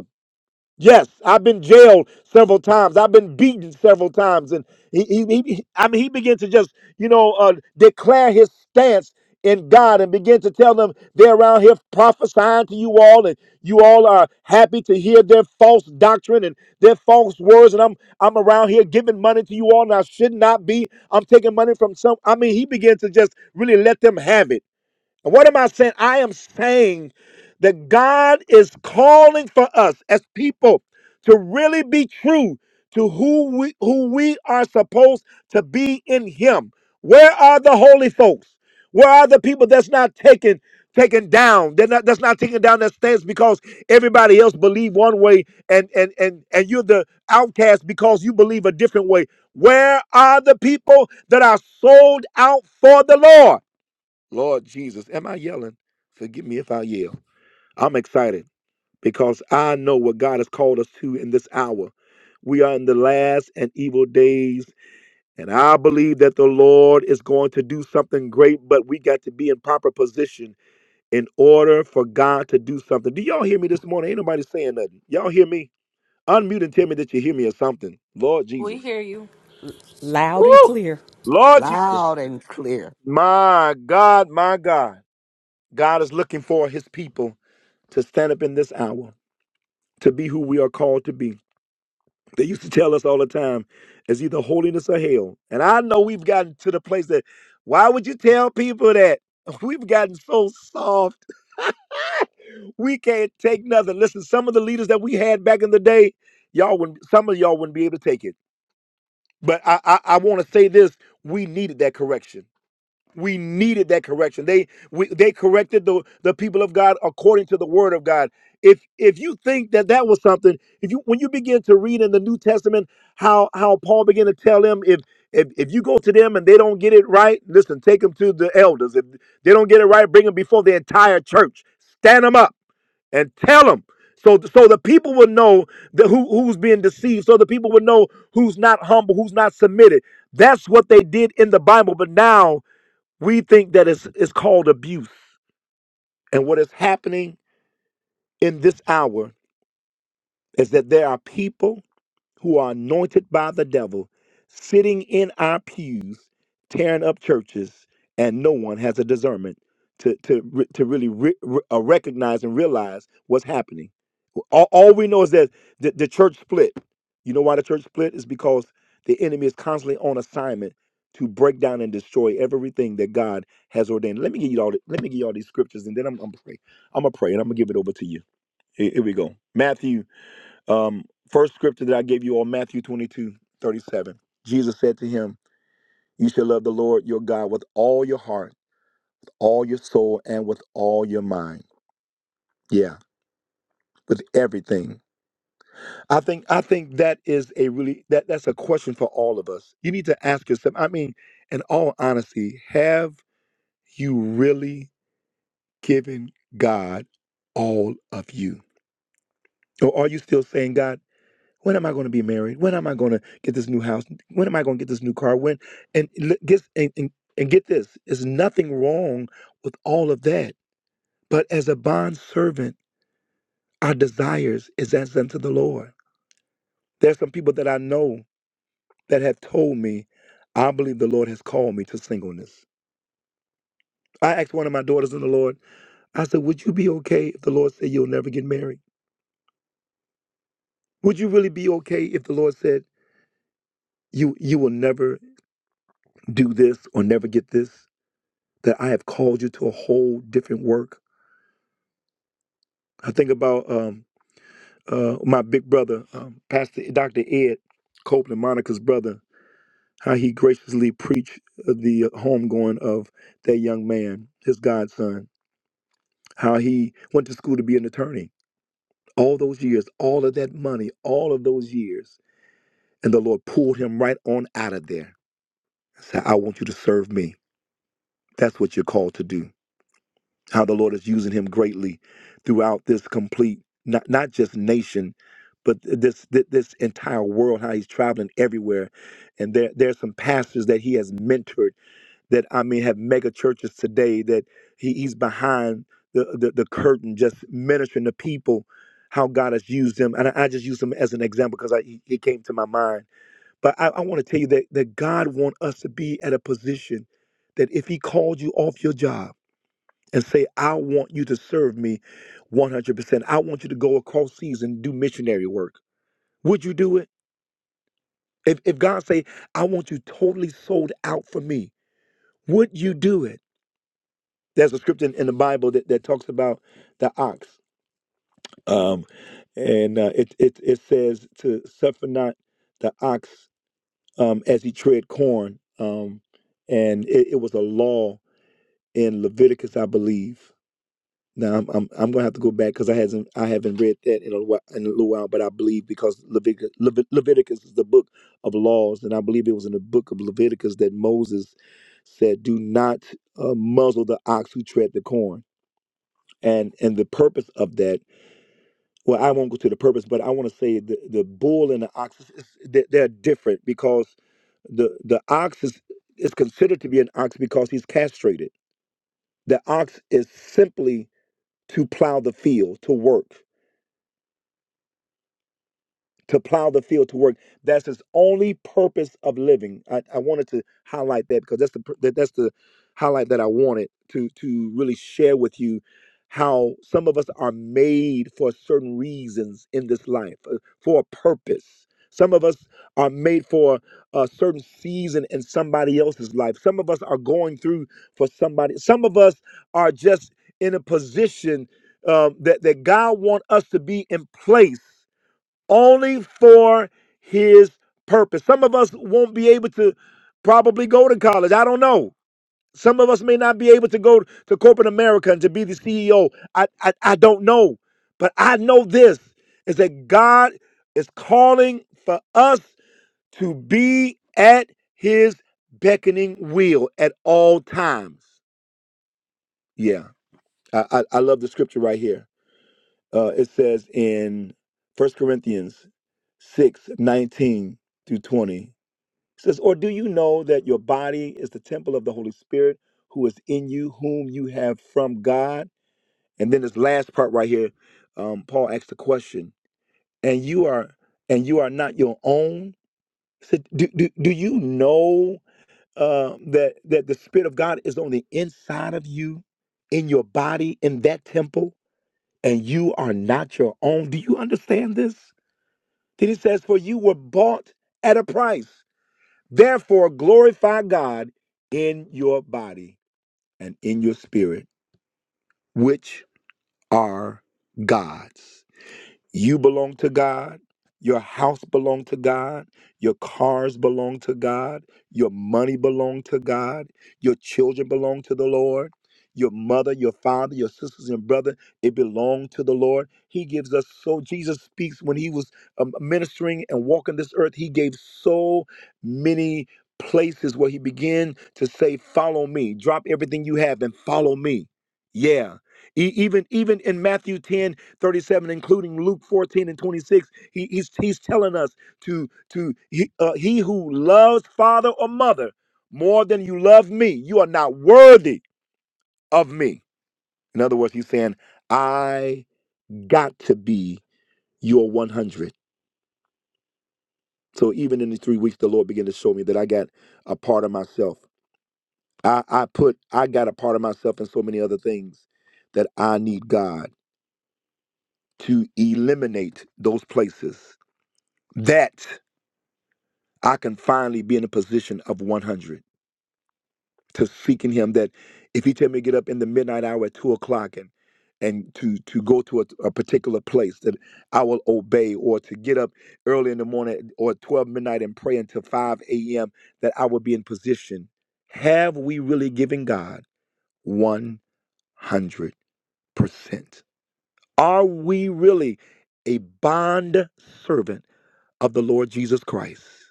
A: Yes, I've been jailed several times. I've been beaten several times, and he, he, he I mean, he began to just, you know, uh, declare his stance in God and begin to tell them they're around here prophesying to you all, and you all are happy to hear their false doctrine and their false words. And I'm, I'm around here giving money to you all, and I should not be. I'm taking money from some. I mean, he began to just really let them have it. And What am I saying? I am saying that God is calling for us as people to really be true to who we who we are supposed to be in Him. Where are the holy folks? Where are the people that's not taken taken down? They're not that's not taken down that stands because everybody else believe one way and and and and you're the outcast because you believe a different way. Where are the people that are sold out for the Lord? Lord Jesus, am I yelling? Forgive me if I yell. I'm excited because I know what God has called us to in this hour. We are in the last and evil days, and I believe that the Lord is going to do something great, but we got to be in proper position in order for God to do something. Do y'all hear me this morning? Ain't nobody saying nothing. Y'all hear me? Unmute and tell me that you hear me or something. Lord
C: We
A: Jesus.
C: hear you.
B: Loud and
A: Woo!
B: clear.
A: Lord Jesus.
H: Loud and clear.
A: My God, my God. God is looking for his people to stand up in this hour, to be who we are called to be. They used to tell us all the time, it's either holiness or hell. And I know we've gotten to the place that, why would you tell people that? We've gotten so soft. We can't take nothing. Listen, some of the leaders that we had back in the day, y'all wouldn't, some of y'all wouldn't be able to take it. But I, I, I want to say this: we needed that correction. We needed that correction. They we, they corrected the the people of God according to the word of God. If if you think that that was something, if you when you begin to read in the New Testament how how Paul began to tell them if if if you go to them and they don't get it right, listen, take them to the elders. If they don't get it right, bring them before the entire church. Stand them up and tell them. So, so the people will know the, who, who's being deceived. So the people will know who's not humble, who's not submitted. That's what they did in the Bible. But now we think that it's, it's called abuse. And what is happening in this hour is that there are people who are anointed by the devil sitting in our pews, tearing up churches, and no one has a discernment to, to, re- to really re- re- uh, recognize and realize what's happening. All, all we know is that the, the church split. You know why the church split? Is because the enemy is constantly on assignment to break down and destroy everything that God has ordained. Let me give you all. the- Let me give you all these scriptures, and then I'm, I'm pray. I'm gonna pray, and I'm gonna give it over to you. Here, here we go. Matthew. Um, first scripture that I gave you all. Matthew 22:37. Jesus said to him, "You shall love the Lord your God with all your heart, all your soul, and with all your mind. Yeah, with everything." I think I think that is a really that that's a question for all of us. You need to ask yourself. I mean, in all honesty, have you really given God all of you, or are you still saying, God, when am I going to be married? When am I going to get this new house? When am I going to get this new car? When and l- get and, and, and get this. There's nothing wrong with all of that, but as a bond servant, our desires is as unto the Lord. There's some people that I know. that have told me, I believe the Lord has called me to singleness. I asked one of my daughters in the Lord, I said, Would you be okay if the Lord said you'll never get married? Would you really be okay if the Lord said you you will never do this or never get this? That I have called you to a whole different work. I think about um, uh, my big brother, um, Pastor Dr. Ed Copeland, Monica's brother, how he graciously preached uh, the homegoing of that young man, his godson, how he went to school to be an attorney all those years, all of that money, all of those years. And the Lord pulled him right on out of there. Said, I want you to serve me. That's what you're called to do. How the Lord is using him greatly throughout this complete, not, not just nation, but th- this this entire world, how he's traveling everywhere. And there, there are some pastors that he has mentored that I mean have mega churches today that he, he's behind the, the the curtain just ministering to people how God has used him. And I, I just use him as an example because I he he came to my mind. But I, I want to tell you that that God wants us to be at a position that if he called you off your job and say, I want you to serve me 100%. I want you to go across seas and do missionary work. Would you do it? If, if God say, I want you totally sold out for me, would you do it? There's a scripture in, in the Bible that, that talks about the ox. Um, and uh, it, it, it says to suffer not the ox um, as he tread corn. Um, and it, it was a law in Leviticus, I believe. Now I'm I'm, I'm gonna have to go back because I hasn't I haven't read that in a while, in a little while, but I believe because Leviticus, Leviticus is the book of laws, and I believe it was in the book of Leviticus that Moses said, "Do not uh, muzzle the ox who tread the corn." and and the purpose of that well i won't go to the purpose but i want to say the, the bull and the ox is- is- they- they're different because the the ox is is considered to be an ox because he's castrated the ox is simply to plow the field to work to plow the field to work. That's his only purpose of living. I, I wanted to highlight that because that's the pur- that, that's the highlight that I wanted to to really share with you how some of us are made for certain reasons in this life uh, for a purpose. Some of us are made for a certain season in somebody else's life. Some of us are going through for somebody. Some of us are just in a position um, that that God want us to be in place only for his purpose. Some of us won't be able to probably go to college. I don't know. Some of us may not be able to go to corporate America and to be the CEO. I, I, I don't know. But I know this is that God is calling for us to be at his beckoning wheel at all times. Yeah. I, I, I love the scripture right here. Uh, it says in First Corinthians six nineteen 19 through 20, it says, Or do you know that your body is the temple of the Holy Spirit who is in you, whom you have from God? And then this last part right here, um, Paul asks the question, and you are and you are not your own. So do, do, do you know uh, that that the Spirit of God is on the inside of you, in your body, in that temple? and you are not your own. Do you understand this? Then he says, For you were bought at a price. Therefore, glorify God in your body and in your spirit, which are God's. You belong to God. Your house belong to God. Your cars belong to God. Your money belong to God. Your children belong to the Lord. Your mother, your father, your sisters and brother, it belonged to the Lord. He gives us so. Jesus speaks when he was um, ministering and walking this earth. He gave so many places where he began to say, "Follow me. Drop everything you have and follow me." Yeah. E- even even in Matthew ten, 37 including luke 14 and 26 he, he's, he's telling us to to he, uh, he who loves father or mother more than you love me you are not worthy of me in other words he's saying i got to be your 100 so even in these three weeks the lord began to show me that i got a part of myself i, I put i got a part of myself and so many other things that i need god to eliminate those places that I can finally be in a position of 100 to seeking Him. That if He tell me to get up in the midnight hour at two o'clock and and to to go to a, a particular place, that I will obey, or to get up early in the morning or at 12 midnight and pray until 5 a.m. That I will be in position. Have we really given God 100 percent? Are we really a bond servant of the Lord Jesus Christ?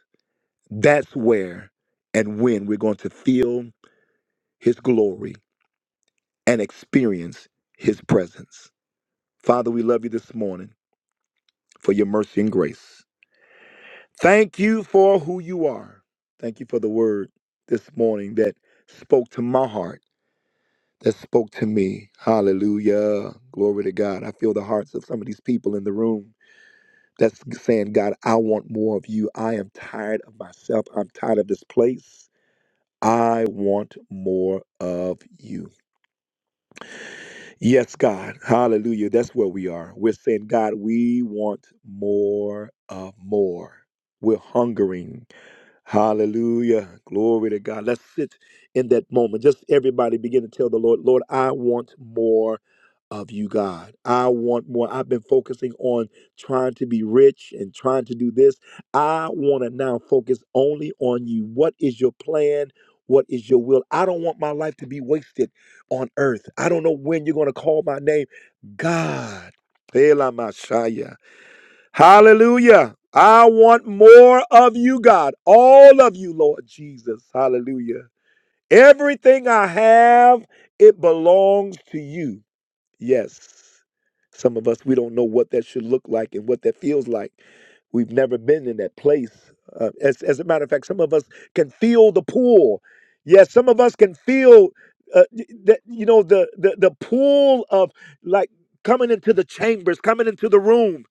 A: That's where and when we're going to feel His glory and experience His presence. Father, we love you this morning for your mercy and grace. Thank you for who you are. Thank you for the word this morning that spoke to my heart, that spoke to me. Hallelujah. Glory to God. I feel the hearts of some of these people in the room that's saying, God, I want more of you. I am tired of myself. I'm tired of this place. I want more of you. Yes, God. Hallelujah. That's where we are. We're saying, God, we want more of more. We're hungering. Hallelujah. Glory to God. Let's sit in that moment. Just everybody begin to tell the Lord, Lord, I want more of you, God. I want more. I've been focusing on trying to be rich and trying to do this. I want to now focus only on you. What is your plan? What is your will? I don't want my life to be wasted on earth. I don't know when you're going to call my name. God. Elamashaya. Hallelujah. I want more of you, God. All of you, Lord Jesus. Hallelujah. Everything I have, it belongs to you. Yes. Some of us, we don't know what that should look like and what that feels like. We've never been in that place. Uh, as, as a matter of fact, some of us can feel the pull. Yes, some of us can feel uh, y- that, you know, the, the, the pull of like coming into the chambers, coming into the room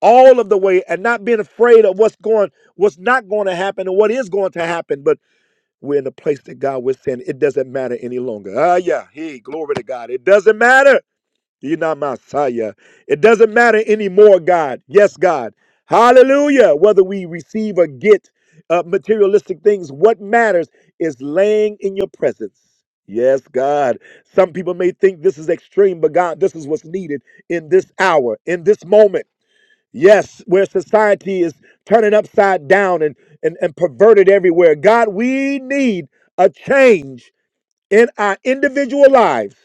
A: all of the way and not being afraid of what's going what's not going to happen and what is going to happen but we're in a place that god was saying it doesn't matter any longer ah yeah hey glory to god it doesn't matter you're not Messiah. It doesn't matter anymore, God. Yes, God. Hallelujah. Whether we receive or get uh, materialistic things, what matters is laying in your presence. Yes, God. Some people may think this is extreme, but God, this is what's needed in this hour, in this moment. Yes, where society is turning upside down and, and, and perverted everywhere. God, we need a change in our individual lives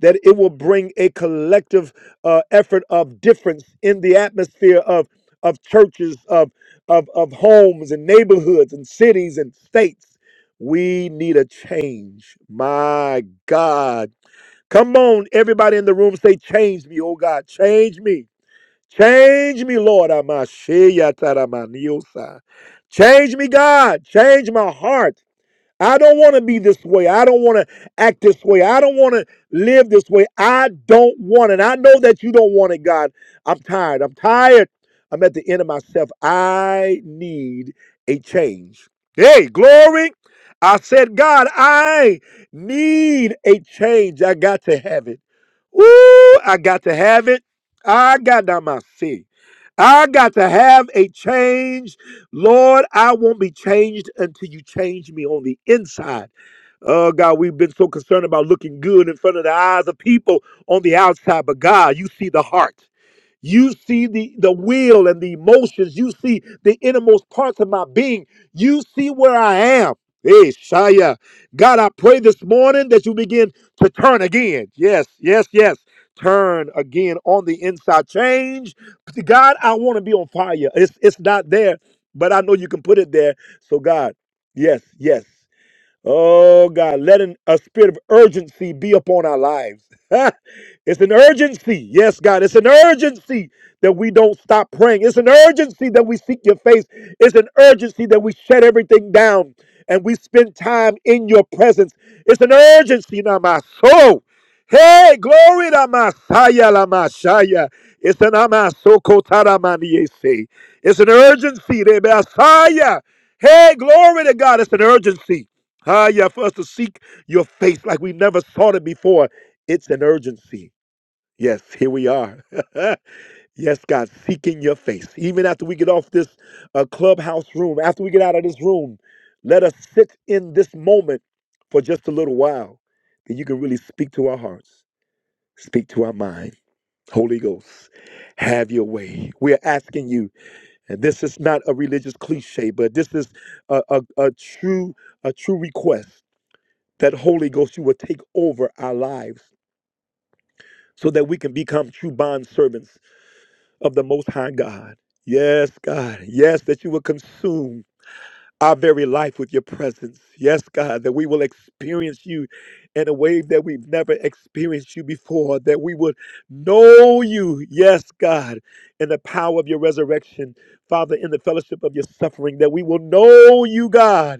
A: that it will bring a collective uh, effort of difference in the atmosphere of of churches, of, of of homes and neighborhoods and cities and states. We need a change. My God. Come on, everybody in the room, say, change me, oh God, change me. Change me, Lord. Amashiyataramaniosa. Change me, God. Change my heart. I don't want to be this way. I don't want to act this way. I don't want to live this way. I don't want it. I know that you don't want it, God. I'm tired. I'm tired. I'm at the end of myself. I need a change. Hey, glory. I said, God, I need a change. I got to have it. Ooh, I got to have it. I got to my seat. I got to have a change Lord, I won't be changed until you change me on the inside. Oh, God, we've been so concerned about looking good in front of the eyes of people on the outside, but God, you see the heart. You see the, the will and the emotions. You see the innermost parts of my being. You see where I am. Hey, Shia. God, I pray this morning that you begin to turn again. Yes, yes, yes. Turn again on the inside. Change. God, I want to be on fire. It's, it's not there, but I know you can put it there. So, God, yes, yes. Oh God, let an, a spirit of urgency be upon our lives. it's an urgency. Yes, God, it's an urgency that we don't stop praying. It's an urgency that we seek your face. It's an urgency that we shut everything down and we spend time in your presence. It's an urgency in my soul. Hey, glory to Messiah, la Messiah. It's an amasokotaramaniyese. It's an urgency, the Messiah. Hey, glory to God. It's an urgency. Ah, yeah, for us to seek your face like we never sought it before. It's an urgency. Yes, here we are. yes, God, seeking your face. Even after we get off this uh, clubhouse room, after we get out of this room, let us sit in this moment for just a little while. Then you can really speak to our hearts, speak to our mind. Holy Ghost, have your way. We're asking you, and this is not a religious cliche, but this is a, a, a true, a true request that Holy Ghost, you will take over our lives so that we can become true bondservants of the Most High God. Yes, God. Yes, that you will consume our very life with your presence. Yes, God, that we will experience you in a way that we've never experienced you before, that we would know you. Yes, God, in the power of your resurrection, Father, in the fellowship of your suffering, that we will know you, God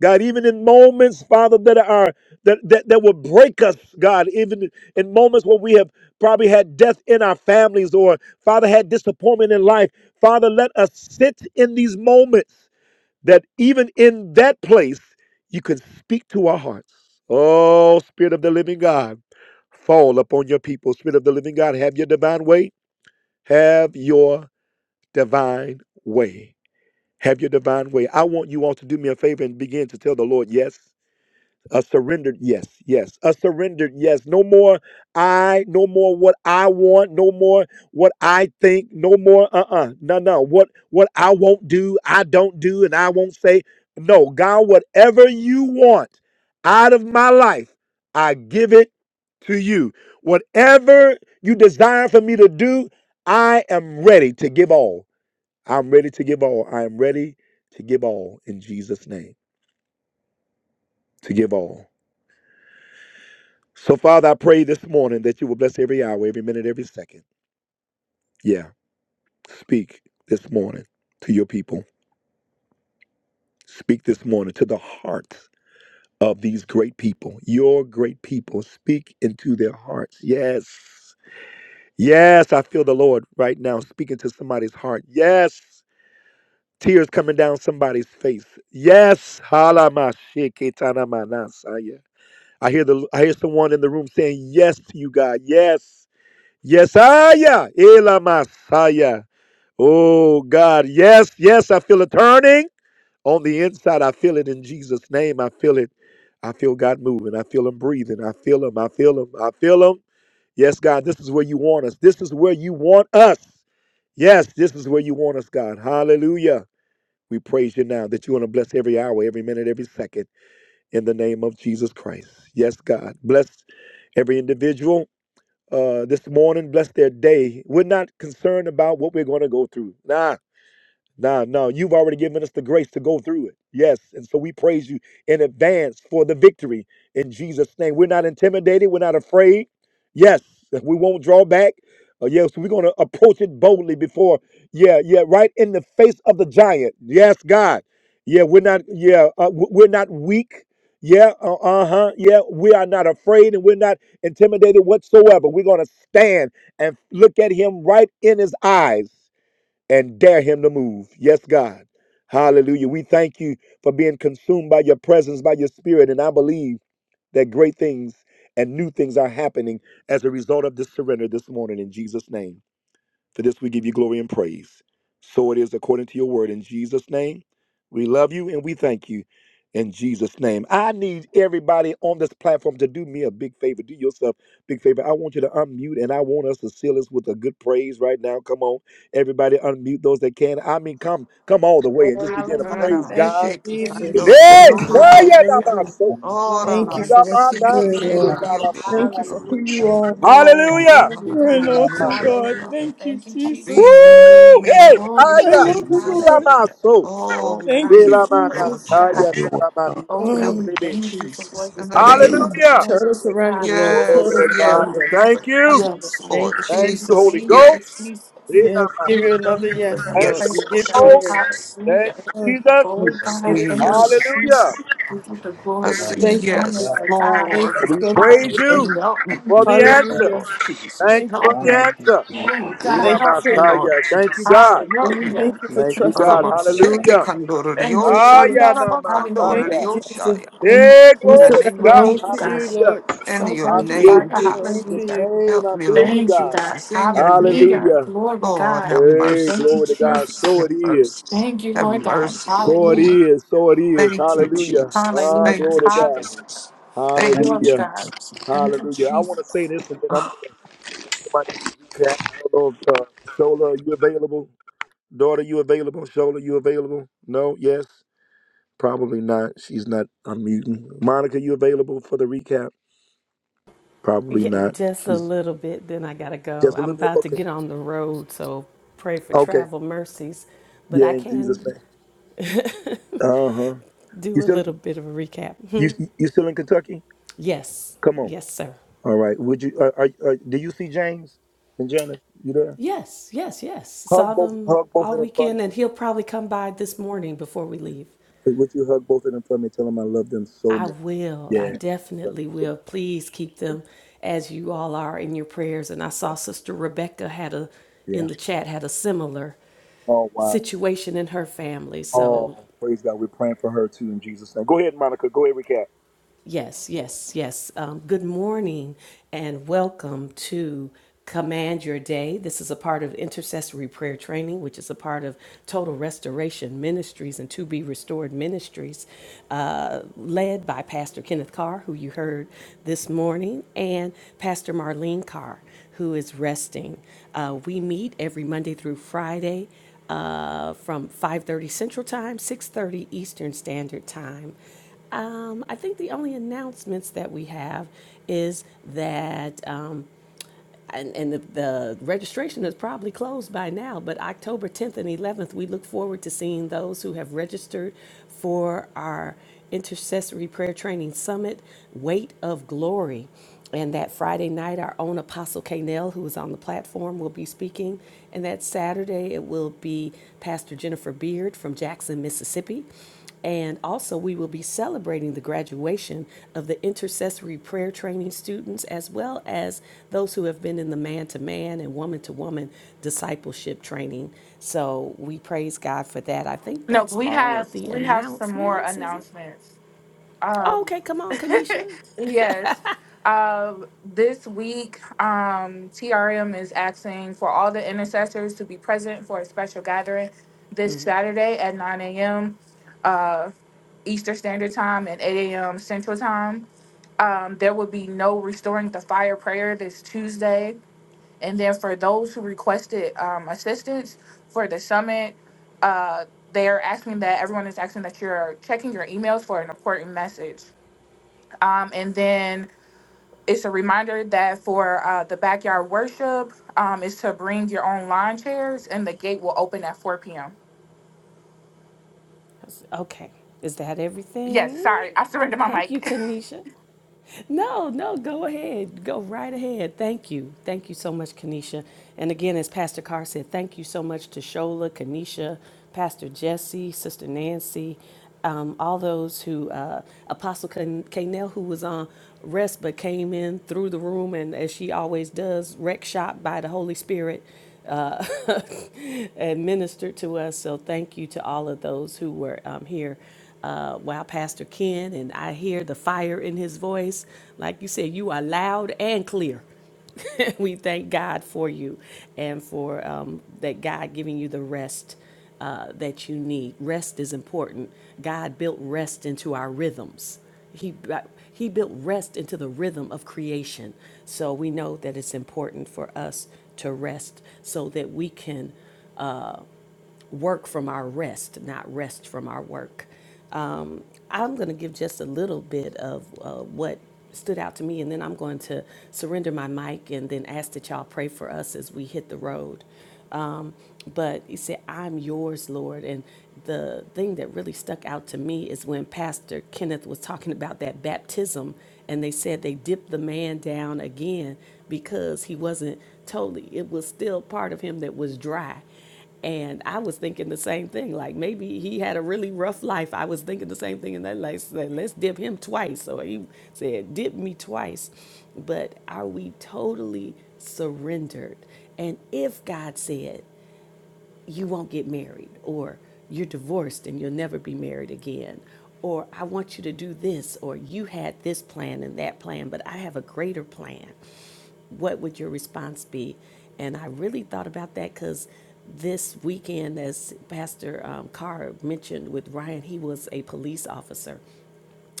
A: God, even in moments, Father, that are that, that that will break us, God, even in moments where we have probably had death in our families or Father had disappointment in life. Father, let us sit in these moments that even in that place you can speak to our hearts. Oh, Spirit of the Living God, fall upon your people. Spirit of the Living God, have your divine way. Have your divine way. Have your divine way. I want you all to do me a favor and begin to tell the Lord yes. A surrendered yes, yes. A surrendered yes. No more I, no more what I want, no more what I think, no more uh-uh. No, no. What what I won't do, I don't do, and I won't say. No, God, whatever you want out of my life, I give it to you. Whatever you desire for me to do, I am ready to give all. I'm ready to give all. I am ready to give all in Jesus' name. To give all. So, Father, I pray this morning that you will bless every hour, every minute, every second. Yeah. Speak this morning to your people. Speak this morning to the hearts of these great people, your great people. Speak into their hearts. Yes. Yes. I feel the Lord right now speaking to somebody's heart. Yes. Tears coming down somebody's face. Yes. Halamashikitanamanas. I hear the I hear someone in the room saying yes to you, God. Yes. Yesaya, Ela Masaya. Oh God, yes, yes, I feel it turning on the inside. I feel it in Jesus' name. I feel it. I feel God moving. I feel Him breathing. I feel Him. I feel Him. I feel Him. Yes, God, this is where you want us. This is where you want us. Yes, this is where you want us, God. Hallelujah. We praise you now that you want to bless every hour, every minute, every second in the name of Jesus Christ. Yes, God. Bless every individual uh, this morning. Bless their day. We're not concerned about what we're going to go through. Nah, no, no, you've already given us the grace to go through it. Yes. And so we praise you in advance for the victory in Jesus' name. We're not intimidated. We're not afraid. Yes. We won't draw back. Uh, yes. We're going to approach it boldly before. Yeah. Yeah. Right in the face of the giant. Yes, God. Yeah. We're not. Yeah. Uh, w- we're not weak. Yeah. Uh huh. Yeah. We are not afraid and we're not intimidated whatsoever. We're going to stand and look at him right in his eyes and dare him to move. Yes, God. Hallelujah. We thank you for being consumed by your presence, by your spirit. And I believe that great things and new things are happening as a result of this surrender this morning in Jesus' name. For this we give you glory and praise. So it is according to your word. In Jesus' name, we love you and we thank you. In Jesus' name, I need everybody on this platform to do me a big favor. Do yourself a big favor. I want you to unmute and I want us to seal us with a good praise right now. Come on, everybody, unmute those that can. I mean, come, come all the way and just
I: Glory to
A: begin to
I: God.
H: Ora
C: Hallelujah.
A: praise
I: Thank you,
A: God.
H: shake his
C: Thank
H: hand
A: With
C: you,
E: You
I: Jesus.
H: over the
E: start
C: Jesus.
I: Thank you
H: ocean.
E: going
I: for
C: Hallelujah.
I: everything.
H: Ora
C: Glory
I: Thank you
C: God.
I: for what you're
H: seek
C: Thank
H: he
I: doing,
C: you,
H: came to
I: Lord.
H: the
C: Father.
E: around for
H: ocean.
I: Thank you
E: how
I: for who
E: much
I: you
C: Hallelujah.
E: you
I: are.
H: Oh,
A: Hallelujah.
H: God,
C: Glory
I: You're
C: God.
I: an
H: renew,
I: awesome
E: push up
I: God.
H: God,
C: Hallelujah.
I: Thank you,
C: Thank you,
I: Jesus.
C: Jesus.
H: renew
A: Woo!
H: me, Lord
A: Hey,
C: Glory
I: I
A: Aya,
C: God.
I: love you,
H: Jesus.
I: Lord.
C: Hallelujah.
A: Ilamaso,
H: Oh,
C: Oh God,
I: Thank
H: renew,
I: you,
C: just
A: Ilamana,
C: glory
H: Lord
I: Jesus.
A: Aya,
C: God.
H: Jesus.
E: everywhere.
A: Taramanio,
C: Oh God,
H: you,
C: we
I: Oh,
A: Sikilibi.
C: thank you for
H: Jesus,
C: what was
H: in the
C: being
H: name
C: said
H: of
C: today,
A: Hallelujah.
I: total
H: Jesus.
C: Lord
I: surrender,
C: God.
I: Lord.
A: Glory
H: Yes,
I: Total
A: to
C: Oh
H: yes,
A: God.
C: God,
A: We
I: surrender.
C: cover
A: thank
C: the
A: you.
C: hearts of the
H: yes, Lord
I: Thank
C: people.
I: you,
C: God,
A: Thank
C: we
I: Jesus.
A: you,
H: Jesus.
A: Holy
C: thank you,
A: Ghost.
H: Yes,
C: Jesus.
I: Yeah, we give
C: We
A: Ilamasi.
I: you another
C: thank you for
I: yes,
C: your
A: Thank
I: Lord.
A: you,
H: yes,
I: We
A: Holy
C: presence,
I: give
H: Lord
I: you
C: God.
I: a
A: Ghost.
I: yes.
H: Jesus.
A: Thank
C: Hallelujah.
A: you,
I: Oh,
A: Jesus.
C: Oh
H: Yes,
I: and
C: God,
I: it's
C: thank
I: so.
C: you,
H: yes.
C: Jesus.
H: yes.
A: Hallelujah.
C: Give you the
H: I
C: glory
H: say
C: on this
I: Thank you,
A: Thank
C: morning,
H: yes,
I: Jesus.
C: Lord God.
I: Thank
H: Lord.
A: you.
I: you
A: We
H: Help
I: so
H: me,
I: much,
A: praise
C: Hallelujah.
I: Lord.
A: you
H: help me,
C: Thank
A: for
C: you,
A: the
H: help me,
A: answer.
I: Hallelujah.
H: Lord
C: Jesus.
H: Jesus.
A: Thank
I: Thank
A: you for
I: you.
H: Help
A: the
H: me,
A: answer.
C: Oh
I: Thank
C: God.
I: you
H: help
I: for.
H: me, Lord
A: Ilamasaya. Thank you,
H: Jesus.
A: God.
H: Help me.
C: Hallelujah.
I: Thank you for
A: Thank you,
I: trusting
A: God.
I: us
H: Aramasheke
A: Hallelujah.
I: to do
C: Thank
H: kandororio
C: you,
I: your will.
A: Aya
C: Jesus.
H: shandarama
C: Hallelujah.
I: Thank
A: namasaya.
I: you,
H: kandororio
I: Jesus.
H: shaya.
C: Thank
A: Yeah,
C: you,
I: We
H: In
A: glory
H: the
C: Jesus.
A: to
H: name
I: surrender
H: of
A: God.
C: Thank
I: all
C: you,
I: to you,
C: God.
H: Jesus.
A: Hallelujah.
I: Lord.
H: In
C: So
H: your
A: I
C: worthy,
A: feel
I: We
A: you
H: name,
C: Father.
A: in
I: surrender all to
A: Jesus'
C: Hallelujah.
I: you.
A: name.
H: Help
A: I
H: me,
A: feel you,
H: Lord
C: Thank you,
A: God.
C: God.
H: Jesus. In your name,
C: Hallelujah.
A: Hallelujah.
C: Glory,
H: God,
C: God.
H: have
A: Hey,
H: mercy,
C: Thank you,
A: glory to God.
H: mercy,
A: So
C: Jesus.
H: have
A: it is.
H: mercy,
C: Thank you,
H: have
C: Lord God.
H: mercy, Lord.
A: So it
C: Hallelujah.
A: is. So it is.
H: Thank you,
A: Hallelujah.
H: Jesus.
A: Ah,
C: Hallelujah.
H: Thank you,
A: glory to God.
C: Hallelujah.
H: Jesus. Thank
C: Glory,
H: you,
A: Hallelujah.
C: God.
H: Jesus.
C: Thank you,
A: Hallelujah. I want to
C: Jesus.
A: say this and then I'm going
H: Oh,
A: to let somebody do the recap. I don't know if uh, Shola, are you available? Daughter, you available? Shola, you available? No? Yes? Probably not. She's not unmuting. Monica, you available for the recap? Probably
B: Yeah,
A: not.
B: just a
A: She's
B: little bit, then I gotta go.
A: just a
B: I'm
A: little bit
B: about to
A: okay.
B: get on the road, so pray for
A: Okay.
B: travel mercies. But
A: Yeah,
B: I
A: in Jesus'
B: can
A: name. Uh huh. You
B: do a
A: still
B: little bit of a recap. Mhm.
A: you you still in Kentucky?
B: yes,
A: Come on.
B: yes, sir.
A: All right. Would you? Are, are, are, do you see James and Janice? You there?
B: Yes,
A: Hug
B: saw
A: both.
B: them
A: Hug both
B: all
A: of them for me.
B: weekend, and he'll probably come by this morning before we
A: Yeah.
B: leave.
A: Hey, Would you hug both of them for me? Tell them I love them so
B: I
A: much.
B: will. I
A: Yeah. Love them
B: definitely
A: so
B: will. Please keep
A: much.
B: them as you all are in your prayers. And I
A: Yeah.
B: saw Sister Rebecca had a
A: Yeah. Yeah.
B: in the chat had a similar.
A: Oh wow.
B: situation in her family. So
A: Oh praise God. We're praying for her too in Jesus' name. Go ahead, Monica. Go ahead, recap.
B: Yes, yes, yes. Um, good morning and welcome to Command Your Day. This is a part of intercessory prayer training, which is a part of Total Restoration Ministries and To Be Restored Ministries, uh, led by Pastor Kenneth Carr, who you heard this morning, and Pastor Marlene Carr, who is resting. Uh, we meet every Monday through Friday uh, from 5.30 Central Time, 6.30 Eastern Standard Time. Um, I think the only announcements that we have is that, um, and, and the, the registration is probably closed by now, but October 10th and 11th, we look forward to seeing those who have registered for our intercessory prayer training summit, Weight of Glory. And that Friday night, our own Apostle Kanell, who is on the platform, will be speaking. And that Saturday, it will be Pastor Jennifer Beard from Jackson, Mississippi. And also, we will be celebrating the graduation of the intercessory prayer training students, as well as those who have been in the man to man and woman to woman discipleship training. So we praise God for that. I think
C: No,
B: that's
C: we
B: all
C: have
B: of the
C: we have some more
B: announcements, is it?
C: announcements.
B: Oh,
C: Um,
B: okay, come on, Kanisha.
C: yes. Um, this week, um, TRM is asking for all the intercessors to be present for a special gathering this Saturday at 9 a.m. Eastern Standard Time and 8 a.m. Central Time. Um, there will be no restoring the fire prayer this Tuesday. And then for those who requested um, assistance for the summit, uh, they are asking that everyone is asking that you're checking your emails for an important message. Um, and then it's a reminder that for uh, the backyard worship um, is to bring your own lawn chairs, and the gate will open at 4 p.m.
B: Okay, is that
C: Yes,
B: everything?
C: sorry, I surrendered my
B: Thank you,
C: mic.
B: Kanisha. No, no, go ahead. Go right ahead. Thank you. Thank you so much, Kanisha. And again, as Pastor Carr said, thank you so much to Shola, Kanisha, Pastor Jesse, Sister Nancy, um, all those who, uh, Apostle Can- Canel, who was on rest but came in through the room and, as she always does, wreck shop by the Holy Spirit and ministered to us. So thank you to all of those who were um, here. Uh, wow, Pastor Ken, and I hear the fire in his voice. Like you said, you are loud and clear. we thank God for you and for um, that God giving you the rest uh, that you need. Rest is important. God built rest into our rhythms. He he built rest into the rhythm of creation. So we know that it's important for us to rest so that we can work from our rest, not rest from our work. I'm going to give just a little bit of uh, what stood out to me, and then I'm going to surrender my mic and then ask that y'all pray for us as we hit the road but he said, I'm yours, Lord. And the thing that really stuck out to me is when Pastor Kenneth was talking about that baptism, and they said they dipped the man down again because he wasn't totally, it was still part of him that was dry. And I was thinking the same thing. Like maybe he had a really rough life. I was thinking the same thing, and they like said, "Let's dip him twice." So he said, "Dip me twice." But are we totally surrendered? And if God said, you won't get married, or you're divorced and you'll never be married again, or I want you to do this, or you had this plan and that plan, but I have a greater plan. What would your response be? And I really thought about that because this weekend, as Pastor um, Carr mentioned with Ryan, he was a police officer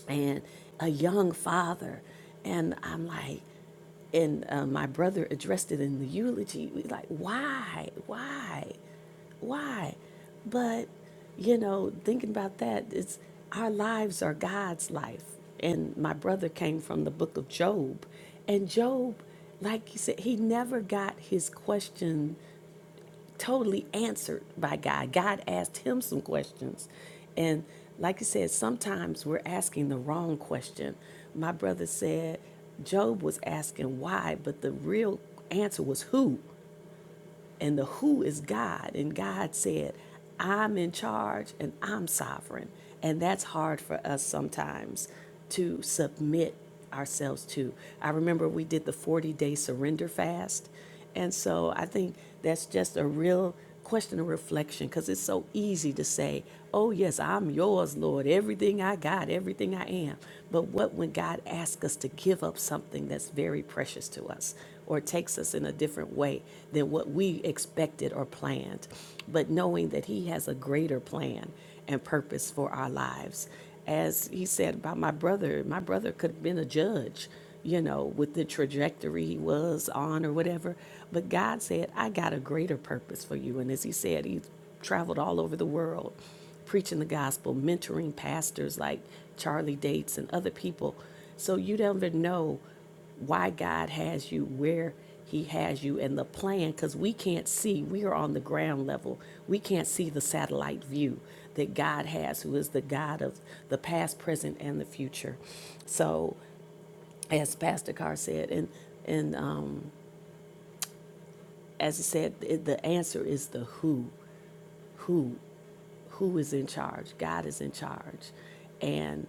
B: and a young father. And I'm like, and uh, my brother addressed it in the eulogy. We like, why, why, why? But you know, thinking about that, it's our lives are God's life. And my brother came from the book of Job, and Job, like you said, he never got his question totally answered by God. God asked him some questions. And like you said, sometimes we're asking the wrong question. My brother said Job was asking why, but the real answer was who. And the who is God. And God said, I'm in charge and I'm sovereign. And that's hard for us sometimes to submit ourselves to. I remember we did the 40 day surrender fast. And so I think that's just a real question of reflection because it's so easy to say, Oh, yes, I'm yours, Lord, everything I got, everything I am. But what when God asks us to give up something that's very precious to us or takes us in a different way than what we expected or planned? But knowing that He has a greater plan and purpose for our lives as he said about my brother, my brother could have been a judge, you know, with the trajectory he was on or whatever. But God said, I got a greater purpose for you. And as he said, he traveled all over the world preaching the gospel, mentoring pastors like Charlie Dates and other people. So you never know why God has you where He has you and the plan, because we can't see. We are on the ground level. We can't see the satellite view that God has, who is the God of the past, present, and the future. So, as Pastor Carr said, and and um, as he said, it, the answer is the who, who. who is in charge? God is in charge. And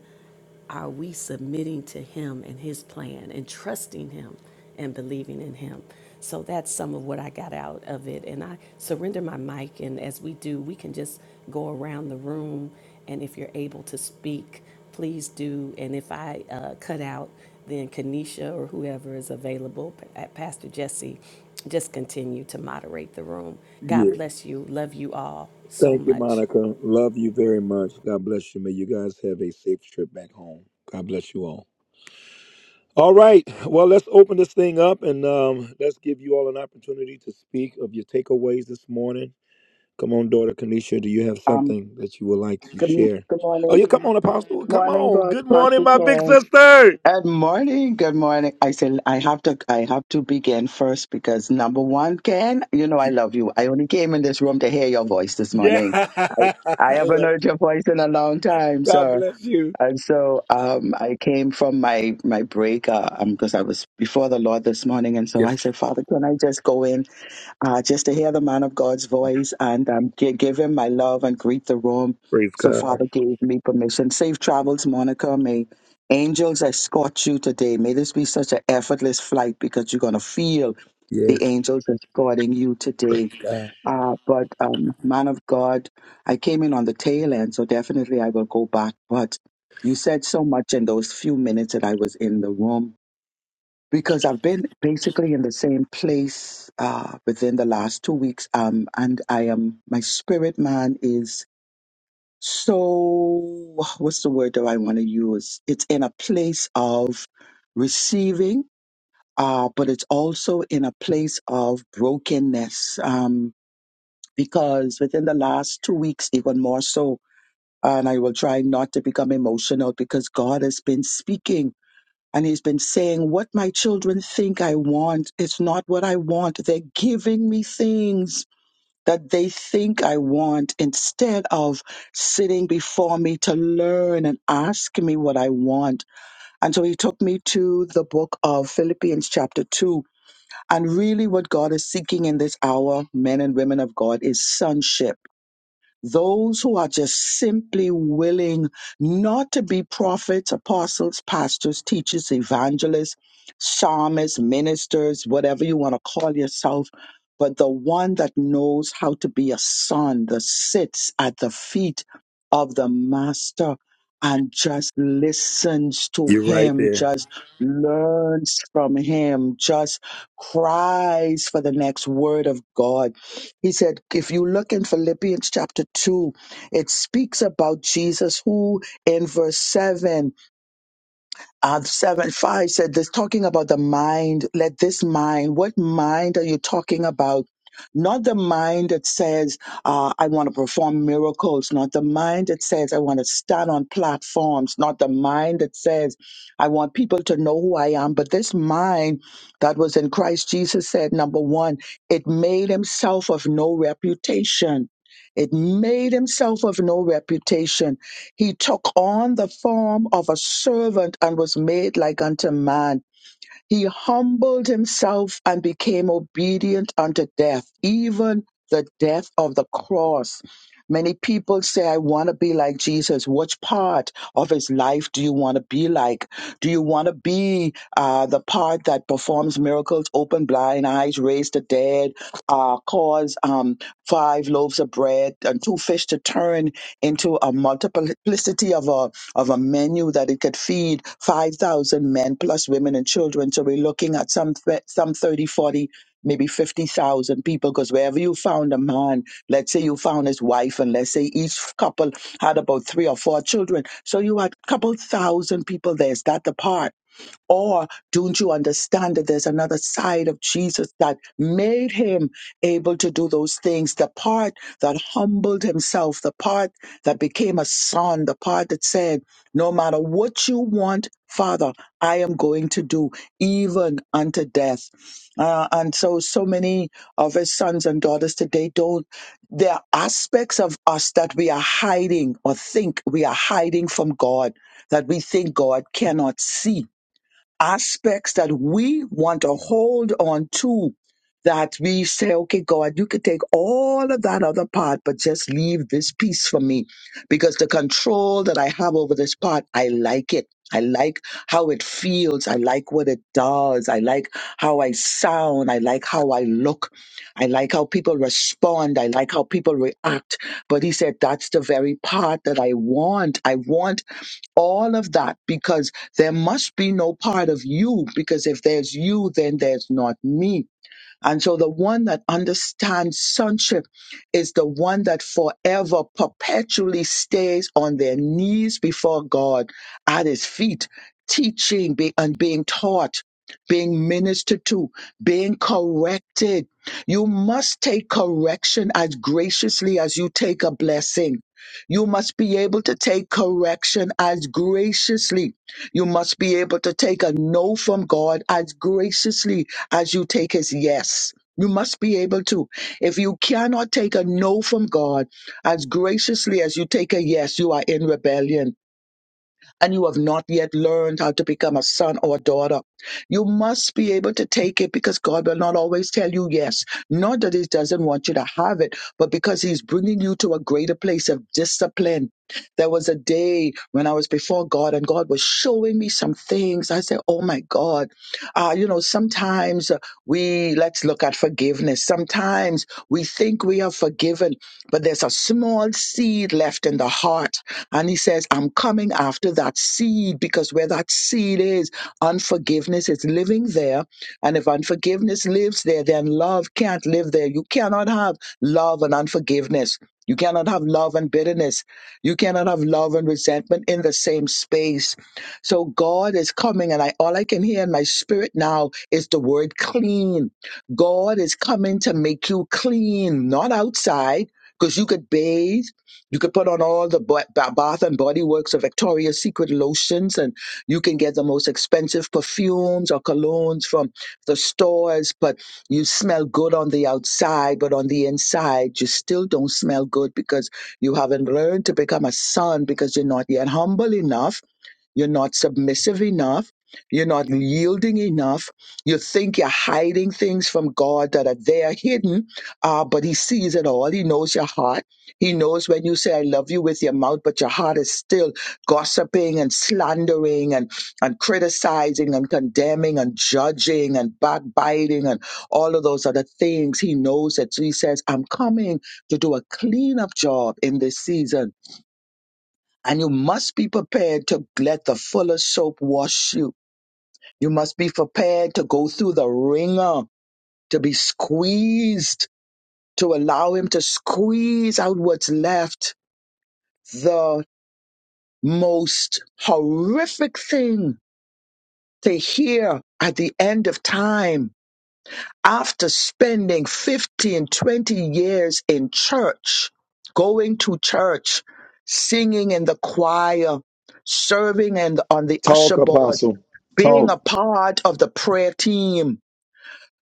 B: are we submitting to Him and His plan and trusting Him and believing in Him? So that's some of what I got out of it. And I surrender my mic. And as we do, we can just go around the room. And if you're able to speak, please do. And if I uh, cut out, then Kanisha or whoever is available, P- uh, Pastor Jesse, just continue to moderate the room.
A: Yeah.
B: God bless you. Love you all so
A: Thank you,
B: much.
A: Monica. Love you very much. God bless you. May you guys have a safe trip back home. God bless you all. All right. Well, let's open this thing up and um, let's give you all an opportunity to speak of your takeaways this morning. Come on, daughter Kanisha. Do you have something that you would like to share? Oh, yeah. Come on, Apostle. Come
J: Morning,
A: on.
J: boss
A: Good morning, my big
J: Pakistan.
A: sister.
J: Good morning. Good morning. I said I have to. I have to begin first because number one, Ken, you know I love you. I only came in this room to hear your voice this
A: Yeah.
J: morning.
A: I
J: I haven't
A: love
J: heard
A: you.
J: your voice in a long time,
A: God
J: sir.
A: bless you.
J: And so um, I came from my my break uh, um, because I was before the Lord this morning, and so
A: Yes.
J: I said, Father, can I just go in? uh, just to hear the man of God's voice and um, gi- give him my love and greet the room.
A: Praise
J: So,
A: God.
J: Father gave me permission. Safe travels, Monica. May angels escort you today. May this be such an effortless flight because you're going to feel the
A: Yes.
J: angels escorting you
A: Praise
J: today.
A: God.
J: Uh, but, um, man of God, I came in on the tail end, so definitely I will go back. But you said so much in those few minutes that I was in the room because I've been basically in the same place uh, within the last two weeks. Um, and I am, my spirit man is so, what's the word that I want to use? It's in a place of receiving, uh, but it's also in a place of brokenness. Um, because within the last two weeks, even more so, and I will try not to become emotional because God has been speaking and he's been saying, What my children think I want, is not what I want. They're giving me things that they think I want instead of sitting before me to learn and ask me what I want. And so he took me to the book of Philippians, chapter 2. And really, what God is seeking in this hour, men and women of God, is sonship those who are just simply willing not to be prophets, apostles, pastors, teachers, evangelists, psalmists, ministers, whatever you want to call yourself, but the one that knows how to be a son that sits at the feet of the master and just listens to
A: You're right
J: him,
A: there.
J: just learns from him, just cries for the next word of God he said, if you look in Philippians chapter 2, it speaks about Jesus, who in verse 7 uh, 7 5 said this talking about the mind let this mind what mind are you talking about not the mind that says uh, i want to perform miracles not the mind that says i want to stand on platforms not the mind that says i want people to know who i am but this mind that was in christ jesus said number one it made himself of no reputation it made himself of no reputation he took on the form of a servant and was made like unto man he humbled himself and became obedient unto death, even the death of the cross. Many people say, I want to be like Jesus. Which part of his life do you want to be like? Do you want to be uh, the part that performs miracles, open blind eyes, raise the dead, uh, cause um, five loaves of bread and two fish to turn into a multiplicity of a of a menu that it could feed 5,000 men plus women and children. So we're looking at some, th- some 30, 40, maybe 50,000 people because wherever you found a man, let's say you found his wife and let's say each couple had about three or four children. So you had a couple thousand people there. Is that the part? Or don't you understand that there's another side of Jesus that made him able to do those things? The part that humbled himself, the part that became a son, the part that said, No matter what you want, Father, I am going to do even unto death. Uh, and so, so many of his sons and daughters today don't. There are aspects of us that we are hiding or think we are hiding from God, that we think God cannot see aspects that we want to hold on to that we say, okay, God, you could take all of that other part, but just leave this piece for me because the control that I have over this part, I like it. I like how it feels. I like what it does. I like how I sound. I like how I look. I like how people respond. I like how people react. But he said, that's the very part that I want. I want all of that because there must be no part of you because if there's you then there's not me and so the one that understands sonship is the one that forever perpetually stays on their knees before God at his feet, teaching be- and being taught, being ministered to, being corrected. You must take correction as graciously as you take a blessing. You must be able to take correction as graciously. You must be able to take a no from God as graciously as you take his yes. You must be able to. If you cannot take a no from God as graciously as you take a yes, you are in rebellion and you have not yet learned how to become a son or a daughter. You must be able to take it because God will not always tell you yes. Not that He doesn't want you to have it, but because He's bringing you to a greater place of discipline. There was a day when I was before God and God was showing me some things. I said, Oh my God. Uh, you know, sometimes uh, we, let's look at forgiveness. Sometimes we think we are forgiven but there's a small seed left in the heart. And he says, I'm coming after that seed because where that seed is, unforgiveness is living there. And if unforgiveness lives there, then love can't live there. You cannot have love and unforgiveness. You cannot have love and bitterness. You cannot have love and resentment in the same space. So God is coming, and I all I can hear in my spirit now is the word clean. God is coming to make you clean, not outside because you could bathe, you could put on all the ba- ba- Bath and Body Works or Victoria's Secret lotions, and you can get the most expensive perfumes or colognes from the stores. But you smell good on the outside, but on the inside, you still don't smell good because you haven't learned to become a son because you're not yet humble enough you're not submissive enough. You're not yielding enough. You think you're hiding things from God that are there hidden, uh, but He sees it all. He knows your heart. He knows when you say, I love you with your mouth, but your heart is still gossiping and slandering and, and criticizing and condemning and judging and backbiting and all of those other things. He knows it. So He says, I'm coming to do a cleanup job in this season and you must be prepared to let the fuller soap wash you. You must be prepared to go through the ringer, to be squeezed, to allow him to squeeze out what's left. The most horrific thing to hear at the end of time after spending 15, 20 years in church, going to church, singing in the choir, serving and on the usher board being a part of the prayer team,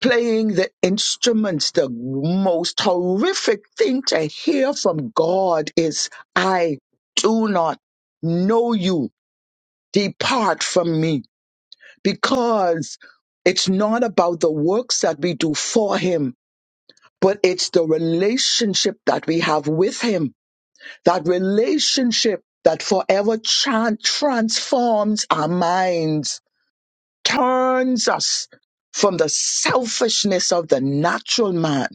J: playing the instruments, the most horrific thing to hear from God is, I do not know you. Depart from me. Because it's not about the works that we do for Him, but it's the relationship that we have with Him. That relationship that forever tran- transforms our minds turns us from the selfishness of the natural man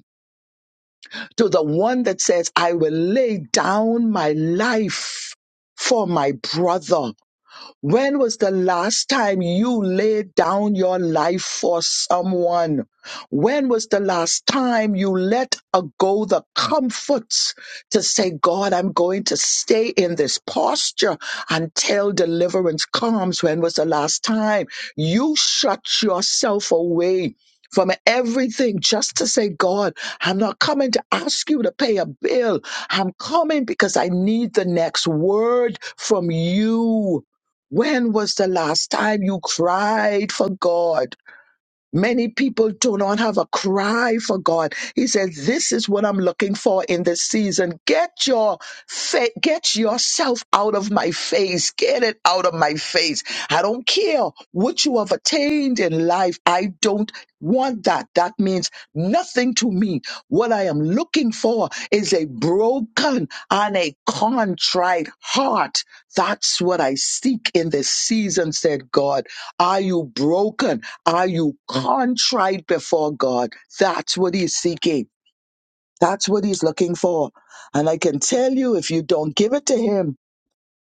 J: to the one that says, I will lay down my life for my brother. When was the last time you laid down your life for someone? When was the last time you let a- go the comforts to say, God, I'm going to stay in this posture until deliverance comes? When was the last time you shut yourself away? From everything, just to say, God, I'm not coming to ask you to pay a bill. I'm coming because I need the next word from you. When was the last time you cried for God? Many people do not have a cry for God. He says, this is what I'm looking for in this season. Get your fa- get yourself out of my face. Get it out of my face. I don't care what you have attained in life. I don't want that. That means nothing to me. What I am looking for is a broken and a contrite heart. That's what I seek in this season, said God. Are you broken? Are you contrite before God? That's what he's seeking. That's what he's looking for. And I can tell you, if you don't give it to him,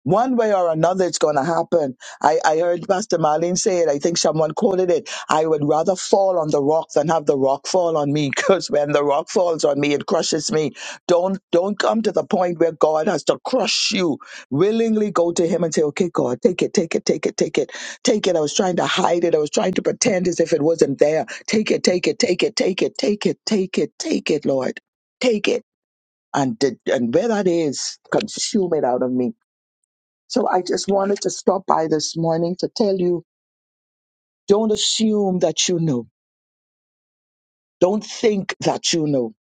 J: one way or another, it's going to happen. I, I heard Pastor Marlene say it. I think someone quoted it. I would rather fall on the rock than have the rock fall on me because when the rock falls on me, it crushes me. Don't, don't come to the point where God has to crush you. Willingly go to Him and say, okay, God, take it, take it, take it, take it, take it. I was trying to hide it. I was trying to pretend as if it wasn't there. Take it, take it, take it, take it, take it, take it, take it, Lord. Take it. And, did- and where that is, consume it out of me so I just wanted to stop by this morning to tell you don't assume that you know. Don't think that you know.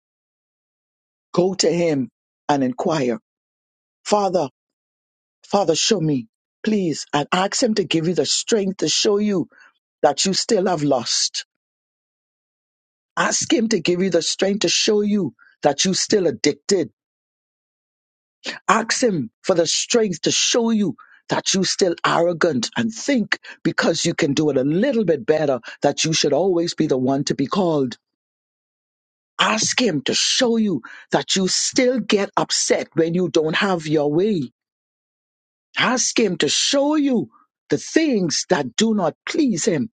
J: Go to Him and inquire, Father, Father, show me, please, and ask Him to give you the strength to show you that you still have lost. Ask Him to give you the strength to show you that you still addicted. Ask Him for the strength to show you that you still arrogant and think because you can do it a little bit better that you should always be the one to be called. Ask Him to show you that you still get upset when you don't have your way. Ask Him to show you the things that do not please Him.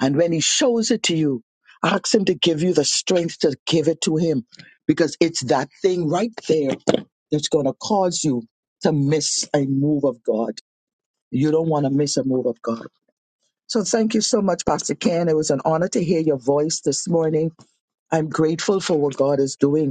J: And when He shows it to you, ask Him to give you the strength to give it to Him because it's that thing right there that's going to cause you to miss a move of God. You don't want to miss a move of God. So thank you so much, Pastor Ken. It was an honor to hear your voice this morning. I'm grateful for what God is doing.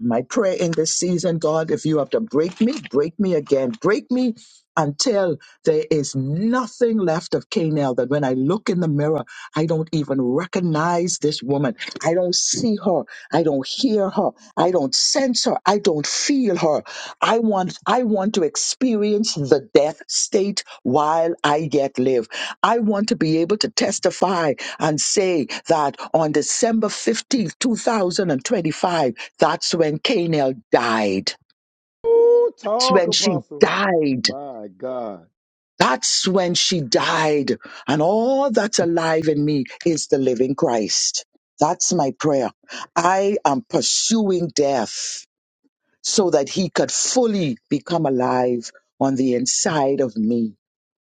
J: my prayer in this season, God, if you have to break me, break me again, break me until there is nothing left of Canaan. That when I look in the mirror, I don't even recognize this woman. I don't see her. I don't hear her. I don't sense her. I don't feel her. I want, I want to experience the death state while I yet live. I want to be able to testify and say that on December 15th, 2025, that's when Canel died.
A: Ooh,
J: That's
A: talk,
J: when she
A: Apostle.
J: died.
A: My God.
J: That's when she died. And all that's alive in me is the living Christ. That's my prayer. I am pursuing death so that he could fully become alive on the inside of me.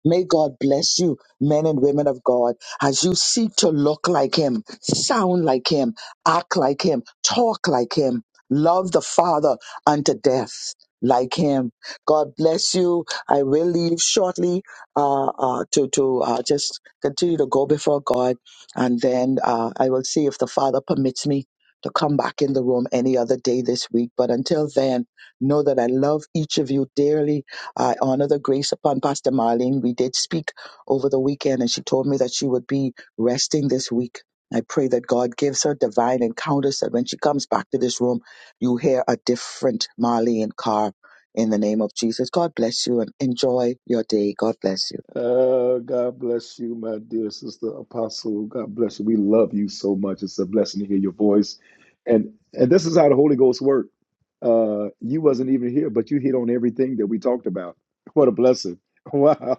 J: May God bless you, men and women of God, as you seek to look like Him, sound like Him, act like Him, talk like Him, love the Father unto death like Him. God bless you. I will leave shortly uh, uh, to to uh, just continue to go before God, and then uh, I will see if the Father permits me to come back in the room any other day this week. But until then, know that I love each of you dearly I honor the grace upon Pastor Marlene. We did speak over the weekend, and she told me that she would be resting this week. I pray that God gives her divine encounters that when she comes back to this room, you hear a different Marlene Carr in the name of Jesus. God bless you and enjoy your day. God bless you.
A: Uh, God bless you, my dear sister Apostle. God bless you. We love you so much. It's a blessing to hear your voice. And and this is how the Holy Ghost works. Uh, you wasn't even here, but you hit on everything that we talked about. What a blessing. Wow.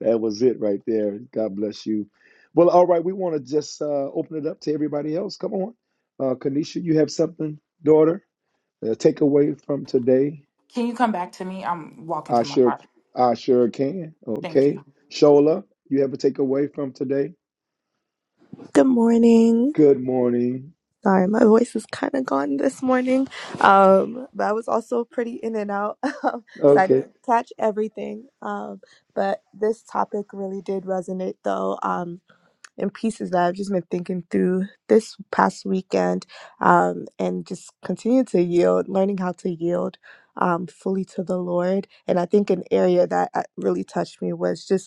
A: That was it right there. God bless you. Well, all right, we want to just uh, open it up to everybody else. Come on. Uh, Kanisha, you have something, daughter, uh, take away from today.
C: Can you come back to me? I'm walking
A: I
C: to my
A: sure,
C: car.
A: I sure can.
C: Thank you.
A: Okay, Shola, you have a takeaway from today.
D: Good morning.
A: Good morning.
D: Sorry, my voice is kind of gone this morning. Um, but I was also pretty in and out, so I
A: Okay,
D: didn't catch everything. Um, but this topic really did resonate, though. Um, and pieces that I've just been thinking through this past weekend um, and just continue to yield, learning how to yield um, fully to the Lord. And I think an area that uh, really touched me was just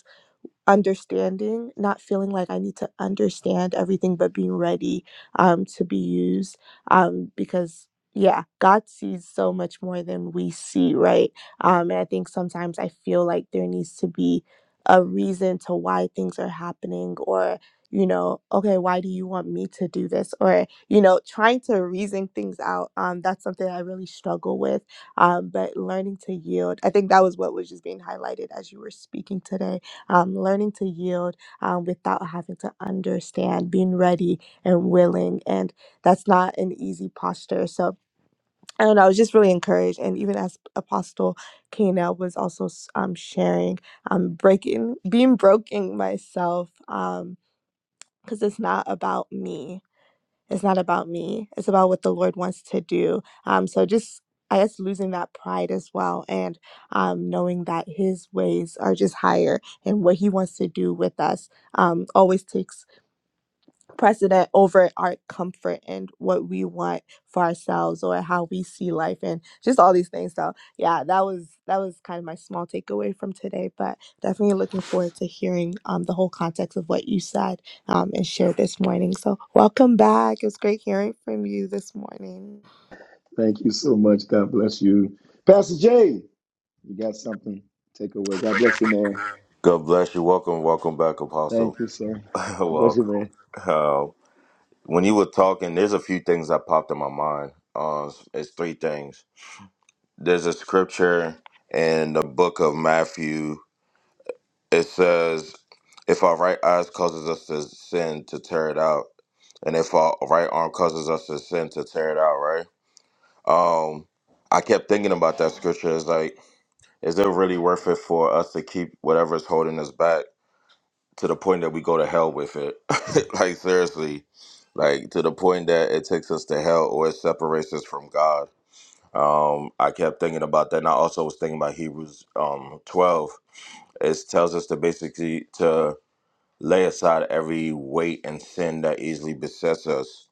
D: understanding, not feeling like I need to understand everything, but being ready um, to be used. Um, because, yeah, God sees so much more than we see, right? Um, and I think sometimes I feel like there needs to be a reason to why things are happening or you know okay why do you want me to do this or you know trying to reason things out um that's something i really struggle with um but learning to yield i think that was what was just being highlighted as you were speaking today um, learning to yield um, without having to understand, being ready and willing. And that's not an easy posture. So I don't know, I was just really encouraged. And even as Apostle Kana was also s- um, sharing, um, breaking, being broken myself, um, because it's not about me. It's not about me. It's about what the Lord wants to do. Um, so just I guess losing that pride as well, and um, knowing that His ways are just higher, and what He wants to do with us um, always takes precedent over our comfort and what we want for ourselves or how we see life and just all these things so yeah that was that was kind of my small takeaway from today but definitely looking forward to hearing um, the whole context of what you said um, and shared this morning so welcome back it was great hearing from you this morning
A: thank you so much. God bless you, Pastor Jay. You got something take away. God bless you, man.
E: God bless you. Welcome, welcome back, Apostle.
A: Thank you, sir. God bless you,
E: welcome.
A: man.
E: Uh, when you were talking, there's a few things that popped in my mind. Uh, it's three things. There's a scripture in the book of Matthew. It says, "If our right eyes causes us to sin, to tear it out, and if our right arm causes us to sin, to tear it out." Right. Um, I kept thinking about that scripture. It's like, is it really worth it for us to keep whatever is holding us back to the point that we go to hell with it? like seriously, like to the point that it takes us to hell or it separates us from God. Um, I kept thinking about that, and I also was thinking about Hebrews um twelve. It tells us to basically to lay aside every weight and sin that easily besets us.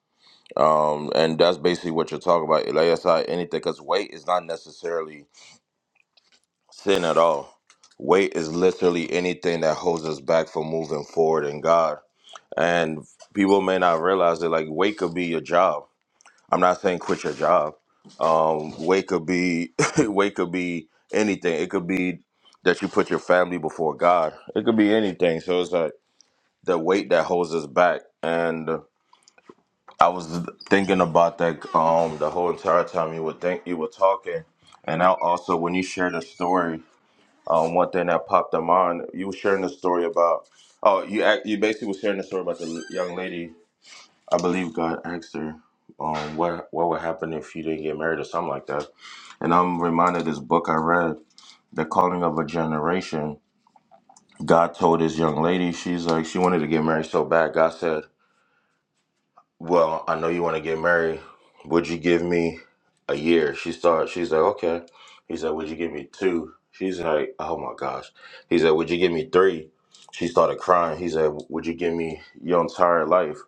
E: Um, and that's basically what you're talking about. Lay aside anything because weight is not necessarily sin at all. Weight is literally anything that holds us back from moving forward in God. And people may not realize that like weight could be your job. I'm not saying quit your job. Um, weight could be weight could be anything. It could be that you put your family before God. It could be anything. So it's like the weight that holds us back. And I was thinking about that um the whole entire time you were think you were talking. And I also when you shared a story um, one thing that popped in mind, you were sharing the story about. Oh, you act, you basically were sharing the story about the young lady. I believe God asked her, um, what what would happen if you didn't get married or something like that. And I'm reminded of this book I read, The Calling of a Generation. God told this young lady, she's like, she wanted to get married so bad. God said, Well, I know you want to get married. Would you give me a year? She started. She's like, okay. He said, would you give me two? She's like, oh my gosh. He said, would you give me three? She started crying. He said, would you give me your entire life?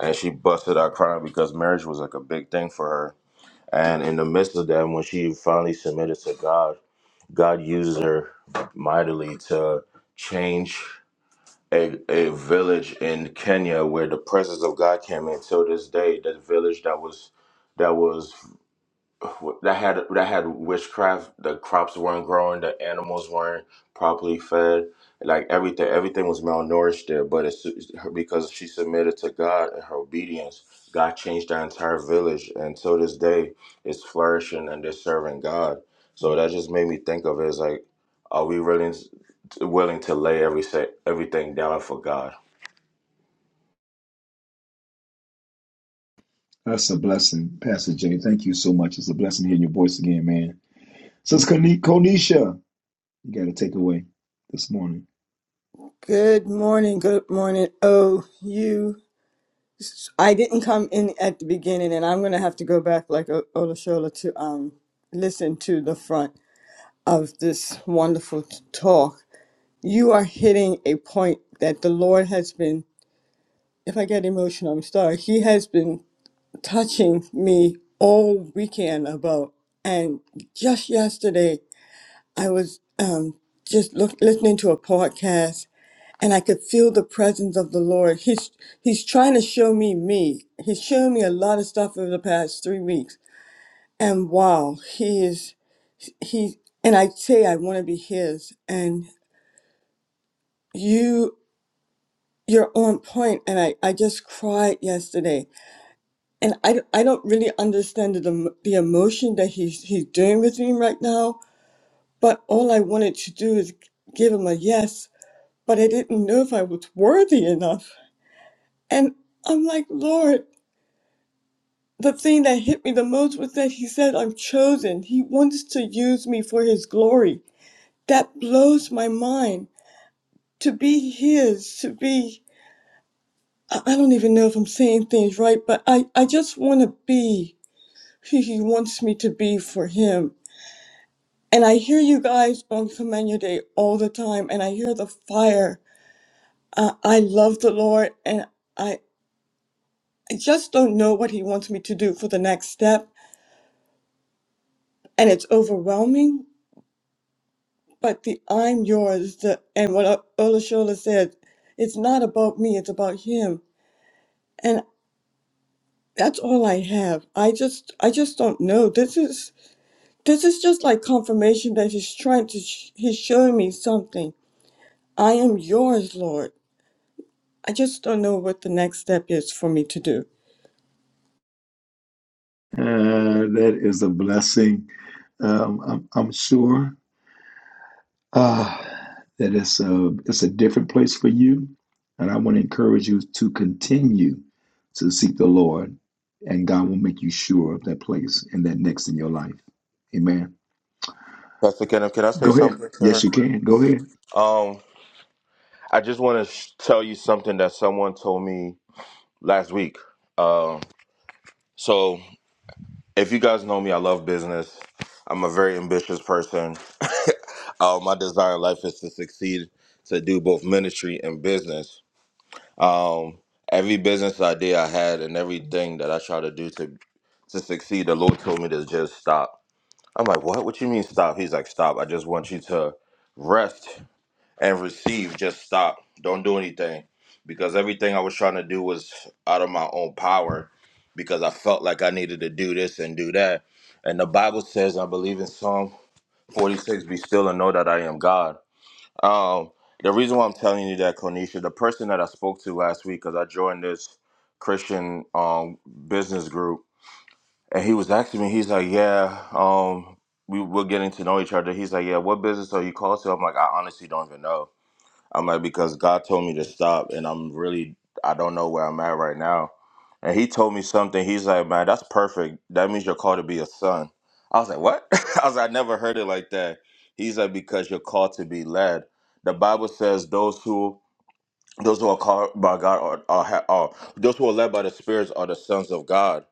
E: And she busted out crying because marriage was like a big thing for her. And in the midst of that, when she finally submitted to God, God used her mightily to change a, a village in Kenya where the presence of God came in. Till this day, the village that was that was that had that had witchcraft. The crops weren't growing. The animals weren't properly fed. Like everything, everything was malnourished there. But it's because she submitted to God and her obedience, God changed that entire village, and to this day, it's flourishing and they're serving God. So that just made me think of it as like, are we really willing to lay every sa- everything down for God?
A: Thank you so much. It's a blessing hearing your voice again, man. Since Konisha, you got a takeaway this morning.
I: Good morning. Good morning. Oh, you. I didn't come in at the beginning, and I'm going to have to go back like O- Olashola to um listen to the front of this wonderful t- talk. You are hitting a point that the Lord has been. If I get emotional, I'm sorry. He has been touching me all weekend about. And just yesterday, I was um, just look, listening to a podcast, and I could feel the presence of the Lord. He's He's trying to show me me. He's shown me a lot of stuff over the past three weeks, and wow, He is He. And I say I want to be His, and you you're on point point. and I, I just cried yesterday and I, don't- I don't really understand the, em- the emotion that he's he's doing with me right now. But all I wanted to do is give him a yes, but I didn't know if I was worthy enough. And I'm like, Lord, the thing that hit me the most was that he said I'm chosen. He wants to use me for his glory. That blows my mind. To be his, to be I I don't even know if I'm saying things right, but I, I just want to be who he wants me to be for him And I hear you guys on Command Day all the time, and I hear the fire. Uh, I love the Lord, and I, I just don't know what He wants me to do for the next step. And it's overwhelming, but the I'm yours, the, and what Olashola said, it's not about me, it's about Him. And that's all I have. I just, I just don't know. This is, this is just like confirmation that He's trying to, sh- He's showing me something. I am yours, Lord. I just don't know what the next step is for me to do.
A: Uh, that is a blessing. Um, I'm, I'm sure. uh, that it's a, it's a different place for you. And I want to encourage you to continue to seek the Lord, and God will make you sure of that place and that next in your life. Amen.
E: Pastor Kenneth, can I say
A: Go ahead.
E: something to her?
A: Yes, you
E: quick?
A: can. Go ahead.
E: Um, I just want to sh- tell you something that someone told me last week. Um, so if you guys know me, I love business. I'm a very ambitious person. uh, my desire in life is to succeed, to do both ministry and business. Um, every business idea I had and everything that I try to do to to succeed, the Lord told me to just stop. I'm like, what? What you mean stop? He's like, stop. I just want you to rest and receive. Just stop. Don't do anything. Because everything I was trying to do was out of my own power because I felt like I needed to do this and do that. And the Bible says, I believe in Psalm 46, be still and know that I am God. Um, the reason why I'm telling you that, Konisha, the person that I spoke to last week, because I joined this Christian um, business group, and he was asking me, he's like, yeah, um, we, we're getting to know each other. He's like, yeah, what business are you called to? I'm like, I honestly don't even know I'm like, because God told me to stop, and I'm really, I don't know where I'm at right now. And he told me something. He's like, man, that's perfect. That means you're called to be a son. I was like, what? I was like, I never heard it like that. He's like, because you're called to be led. The Bible says those who those who are called by God are, are, ha- are those who are led by the spirits are the sons of God.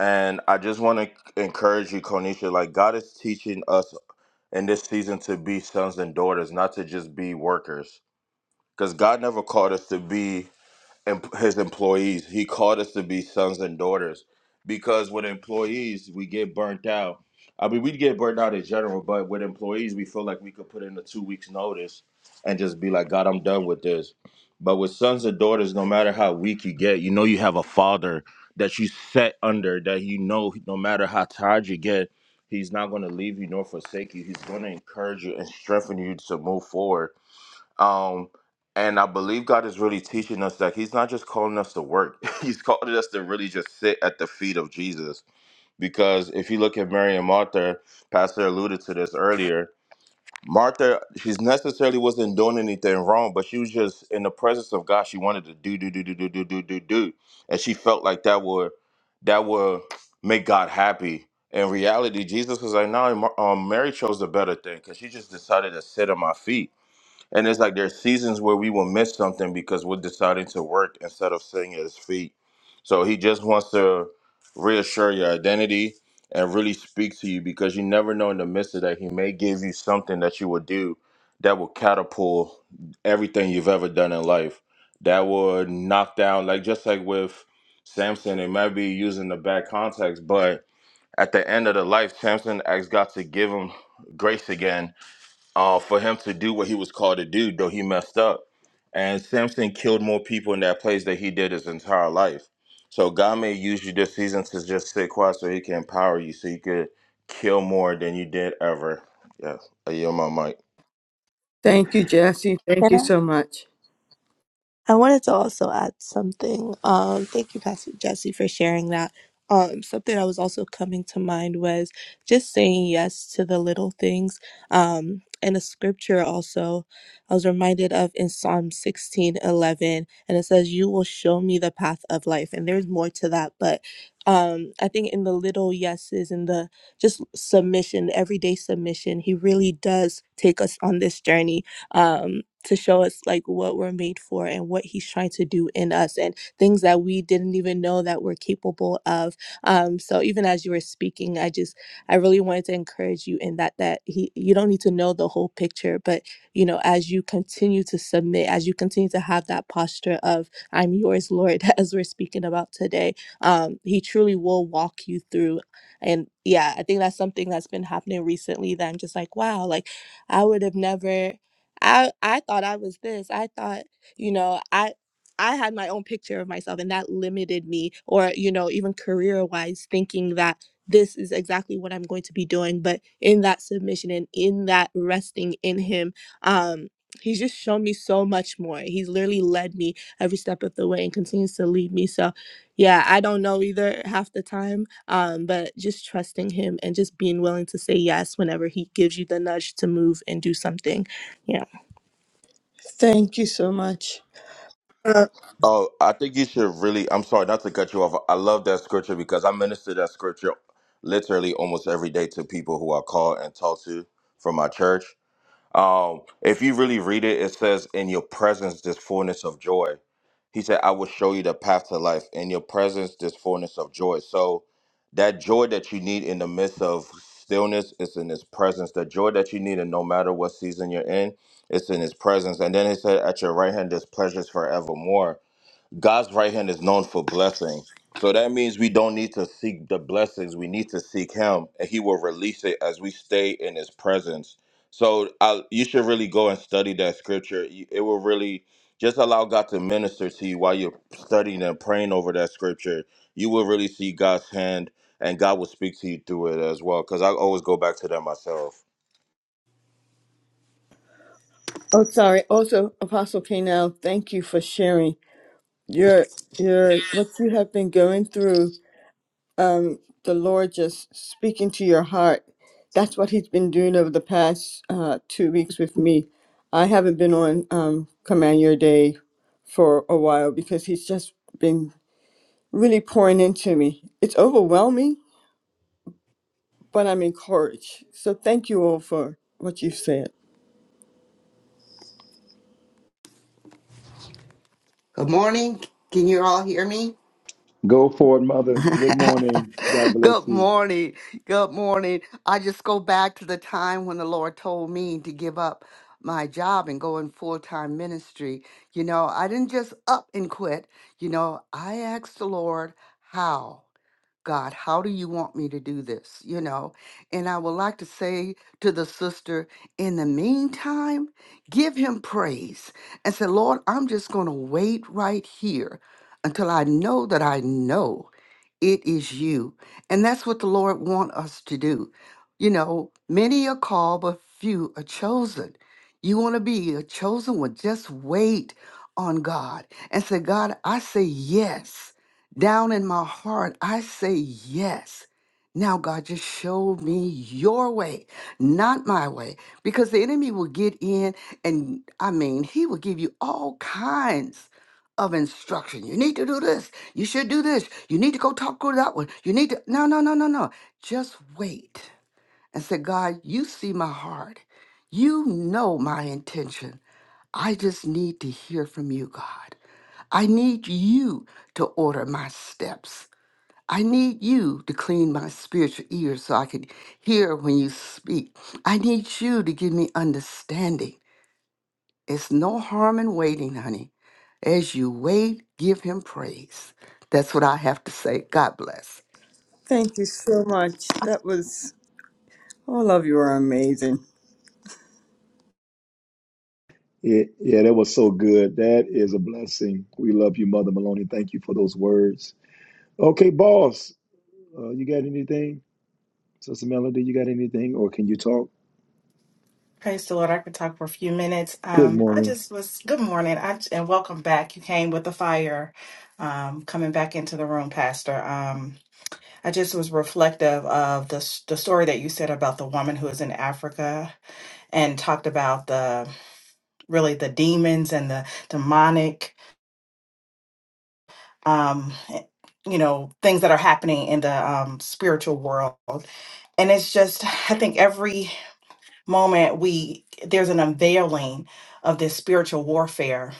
E: And I just want to encourage you, Konisha. Like God is teaching us in this season to be sons and daughters, not to just be workers because God never called us to be em- His employees. He called us to be sons and daughters. Because with employees, we get burnt out. I mean, we get burnt out in general, but with employees, we feel like we could put in a two weeks notice and just be like, God, I'm done with this. But with sons and daughters, no matter how weak you get, you know you have a father that you set under that you know no matter how tired you get, he's not going to leave you nor forsake you. He's going to encourage you and strengthen you to move forward um, and I believe God is really teaching us that He's not just calling us to work, He's calling us to really just sit at the feet of Jesus. Because if you look at Mary and Martha, Pastor alluded to this earlier. Martha, she's necessarily wasn't doing anything wrong, but she was just in the presence of God. She wanted to do, do, do, do, do, do, do, do, do. And she felt like that would that would make God happy. In reality, Jesus was like, no, Mar- um, Mary chose the better thing because she just decided to sit at my feet and it's like there's seasons where we will miss something because we're deciding to work instead of sitting at his feet. So he just wants to reassure your identity and really speak to you because you never know in the midst of that he may give you something that you will do that will catapult everything you've ever done in life. That would knock down like just like with Samson, it might be using the bad context, but at the end of the life, Samson asked God to give him grace again uh, for him to do what he was called to do, though he messed up. And Samson killed more people in that place than he did his entire life. So God may use you this season to just sit quiet so he can empower you so you could kill more than you did ever. Yeah, I yield my mic.
I: Thank you, Jesse. Thank you so much.
D: I wanted to also add something. Um, thank you, Pastor Jesse, for sharing that. Um, something that was also coming to mind was just saying yes to the little things. Um, and a scripture also I was reminded of in Psalm 16, 11, and it says, You will show me the path of life. And there's more to that, but um, I think in the little yeses in the just submission, everyday submission, he really does take us on this journey um, to show us like what we're made for and what he's trying to do in us and things that we didn't even know that we're capable of um, so even as you were speaking i just i really wanted to encourage you in that that he you don't need to know the whole picture but you know as you continue to submit as you continue to have that posture of i'm yours lord as we're speaking about today um, he truly will walk you through and yeah i think that's something that's been happening recently that i'm just like wow like i would have never I I thought I was this. I thought, you know, I I had my own picture of myself and that limited me or, you know, even career-wise thinking that this is exactly what I'm going to be doing, but in that submission and in that resting in him, um he's just shown me so much more. He's literally led me every step of the way and continues to lead me. So, yeah, I don't know either half the time, um but just trusting him and just being willing to say yes whenever he gives you the nudge to move and do something. Yeah.
I: Thank you so much. Uh,
E: Oh, I think you should really. I'm sorry not to cut you off. I love that scripture because I minister that scripture literally almost every day to people who I call and talk to from my church. Um, if you really read it, it says, "In your presence, this fullness of joy." He said, "I will show you the path to life. In your presence, this fullness of joy." So, that joy that you need in the midst of stillness is in His presence. The joy that you need, and no matter what season you're in, it's in His presence. And then He said, "At your right hand, there's pleasures forevermore." God's right hand is known for blessing. So that means we don't need to seek the blessings. We need to seek Him, and He will release it as we stay in His presence. So I, you should really go and study that scripture. You- It will really just allow God to minister to you while you're studying and praying over that scripture. You will really see God's hand, and God will speak to you through it as well. Because I always go back to that myself.
I: oh, sorry. Also, Apostle Kanell, thank you for sharing your your what you have been going through. Um, the Lord just speaking to your heart. That's what He's been doing over the past uh, two weeks with me. I haven't been on um, Command Your Day for a while because He's just been really pouring into me. It's overwhelming but I'm encouraged. So thank you all for what you said.
H: Good morning. Can you all hear me?
A: Go for it, mother. Good morning. God
H: Good
A: bless you.
H: morning. Good morning. I just go back to the time when the Lord told me to give up my job and go in full time ministry. You know, I didn't just up and quit. You know, I asked the Lord, how? God, how do you want me to do this? You know, and I would like to say to the sister, in the meantime, give him praise and say, Lord, I'm just going to wait right here until I know that I know it is you. And that's what the Lord want us to do. You know, many are called, but few are chosen. You want to be a chosen one. Just wait on God and say, God, I say yes. Down in my heart, I say yes. Now, God, just show me your way, not my way, because the enemy will get in and I mean, he will give you all kinds of instruction. You need to do this. You should do this. You need to go talk to that one. You need to no, no, no, no, no. Just wait and say, God, you see my heart. You know my intention. I just need to hear from you, God. I need you to order my steps. I need you to clean my spiritual ears so I can hear when you speak. I need you to give me understanding. It's no harm in waiting, honey. As you wait, give him praise. That's what I have to say. God bless.
I: Thank you so much. That was all of you are amazing.
A: Yeah, yeah, that was so good. That is a blessing. We love you, Mother Maloney. Thank you for those words. Okay, boss, uh, you got anything? Sister Melody, you got anything? Or can you talk?
G: Praise the Lord. I could talk for a few minutes.
A: Good
G: Um, I
A: morning.
G: just was good morning. I and welcome back. You came with the fire, um, coming back into the room, Pastor. Um, I just was reflective of the s- the story that you said about the woman who was in Africa and talked about the really the demons and the demonic, um, you know, things that are happening in the um, spiritual world and it's just i think every moment we there's an unveiling of this spiritual warfare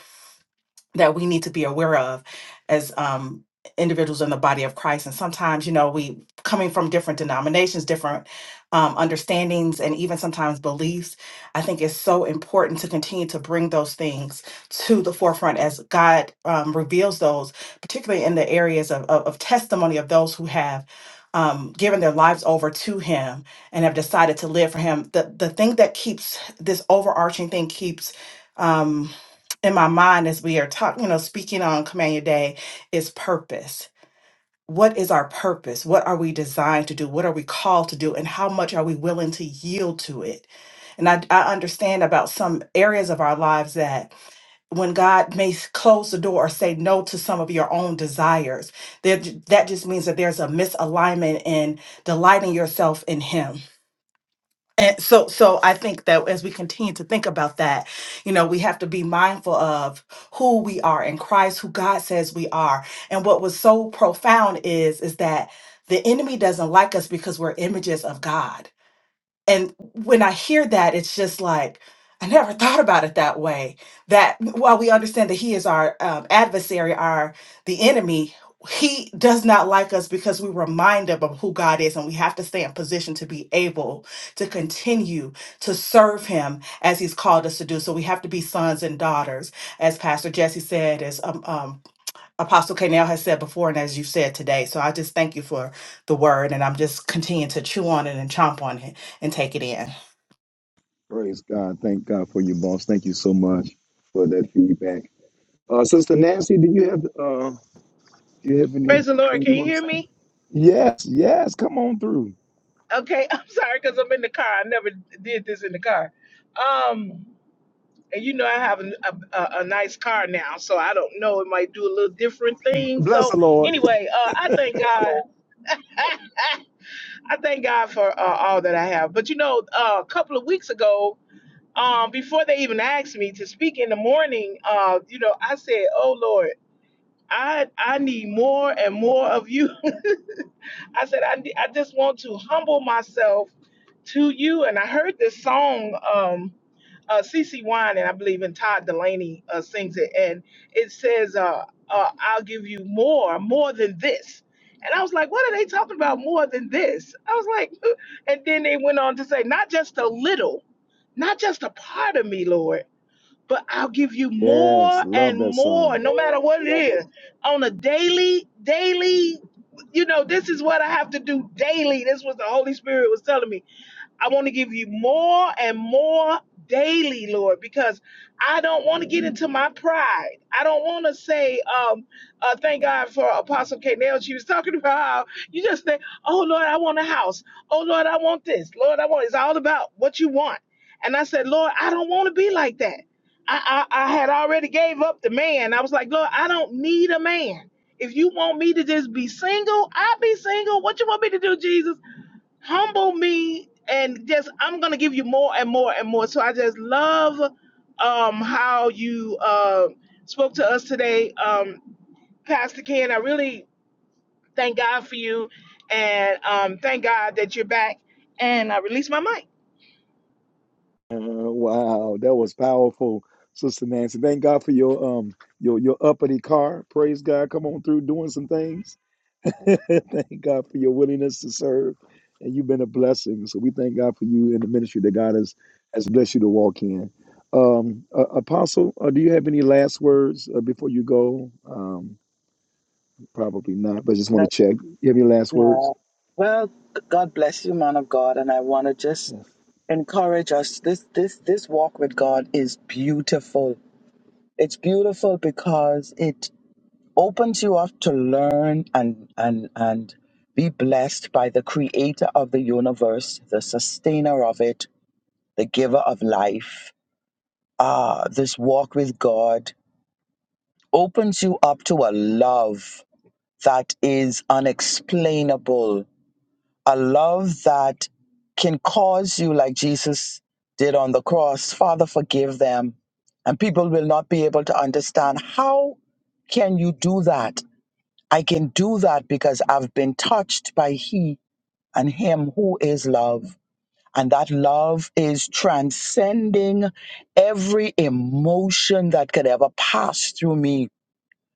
G: that we need to be aware of as um, individuals in the body of Christ. And sometimes, you know, we coming from different denominations, different um, understandings, and even sometimes beliefs. I think it's so important to continue to bring those things to the forefront as God um, reveals those, particularly in the areas of, of, of testimony of those who have. Um, given their lives over to him and have decided to live for him. The the thing that keeps this overarching thing keeps um, in my mind as we are talking, you know, speaking on Command Your Day is purpose. What is our purpose? What are we designed to do? What are we called to do? And how much are we willing to yield to it? And I, I understand about some areas of our lives that when God may s- close the door or say no to some of your own desires, that, that just means that there's a misalignment in delighting yourself in Him and so, so I think that as we continue to think about that, you know, we have to be mindful of who we are in Christ, who God says we are. And what was so profound is, is that the enemy doesn't like us because we're images of God and when I hear that, it's just like, I never thought about it that way. That while we understand that he is our um, adversary, our the enemy, he does not like us because we remind him of who God is, and we have to stay in position to be able to continue to serve him as he's called us to do. So we have to be sons and daughters, as Pastor Jesse said, as um, um, Apostle Canal has said before and as you said today. So I just thank you for the word and I'm just continuing to chew on it and chomp on it and take it in.
A: Praise God. Thank God for you, boss. Thank you so much for that feedback. Uh, Sister Nancy, do you have uh, do you have
F: Praise the Lord.
A: anything
F: Can
A: you
F: you
A: want to
F: hear
A: say?
F: me?
A: Yes, yes. Come on through.
F: Okay, I'm sorry because I'm in the car. I never did this in the car. Um, and you know I have a, a, a nice car now, so I don't know. It might do a little different thing.
A: Bless
F: So
A: the Lord.
F: anyway, uh, I thank God. I thank God for uh, all that I have. But you know, uh, a couple of weeks ago, um, before they even asked me to speak in the morning, uh, you know, I said, "Oh Lord, I I need more and more of you." I said, I, I just want to humble myself to you. And I heard this song, um, uh, CC Wine, and I believe in Todd Delaney uh, sings it. And it says, uh, uh, I'll give you more, more than this. And I was like, what are they talking about more than this? I was like, and then they went on to say, not just a little, not just a part of me, Lord but I'll give you
A: Yes,
F: more
A: love
F: and
A: that
F: more,
A: song.
F: no matter what it is, on a daily, daily. You know, this is what I have to do daily. This was the Holy Spirit was telling me I want to give you more and more daily, Lord, because I don't want to get into my pride. I don't want to say, um, uh, thank God for Apostle K. Nail. She was talking about how you just think, oh, Lord, I want a house. Oh, Lord, I want this. Lord, I want it's all about what you want. And I said, Lord, I don't want to be like that. I, I, I had already gave up the man. I was like, Lord, I don't need a man. If you want me to just be single, I'll be single. What you want me to do, Jesus? humble me and just i'm gonna give you more and more and more so i just love um how you uh spoke to us today um pastor ken i really thank god for you and um thank god that you're back and i release my mic
A: Uh, wow, that was powerful, Sister Nancy. Thank God for your um your your uppity car. Praise God. Come on through, doing some things. thank God for your willingness to serve, and you've been a blessing. So we thank God for you and the ministry that God has has blessed you to walk in. Um, uh, Apostle, uh, do you have any last words uh, before you go? Um, probably not, but I just want to
J: Let-
A: check. You have any last words?
J: yeah. Well, God bless you, man of God, and I want to just
A: Yes.
J: encourage us. This this this walk with God is beautiful. It's beautiful because it opens you up to learn and and and be blessed by the creator of the universe, the sustainer of it, the giver of life. Ah, this walk with God opens you up to a love that is unexplainable, a love that can cause you, like Jesus did on the cross, Father, forgive them. And people will not be able to understand how can you do that? I can do that because I've been touched by He and Him who is love. And that love is transcending every emotion that could ever pass through me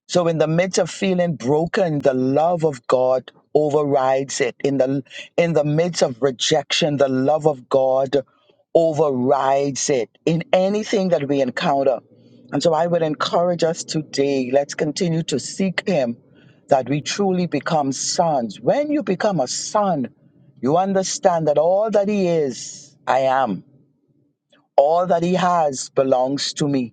J: so in the midst of feeling broken, the love of God overrides it. In the in the midst of rejection, the love of God overrides it in anything that we encounter. And so I would encourage us today, let's continue to seek him that we truly become sons. When you become a son, you understand that all that he is, I am. All that he has belongs to me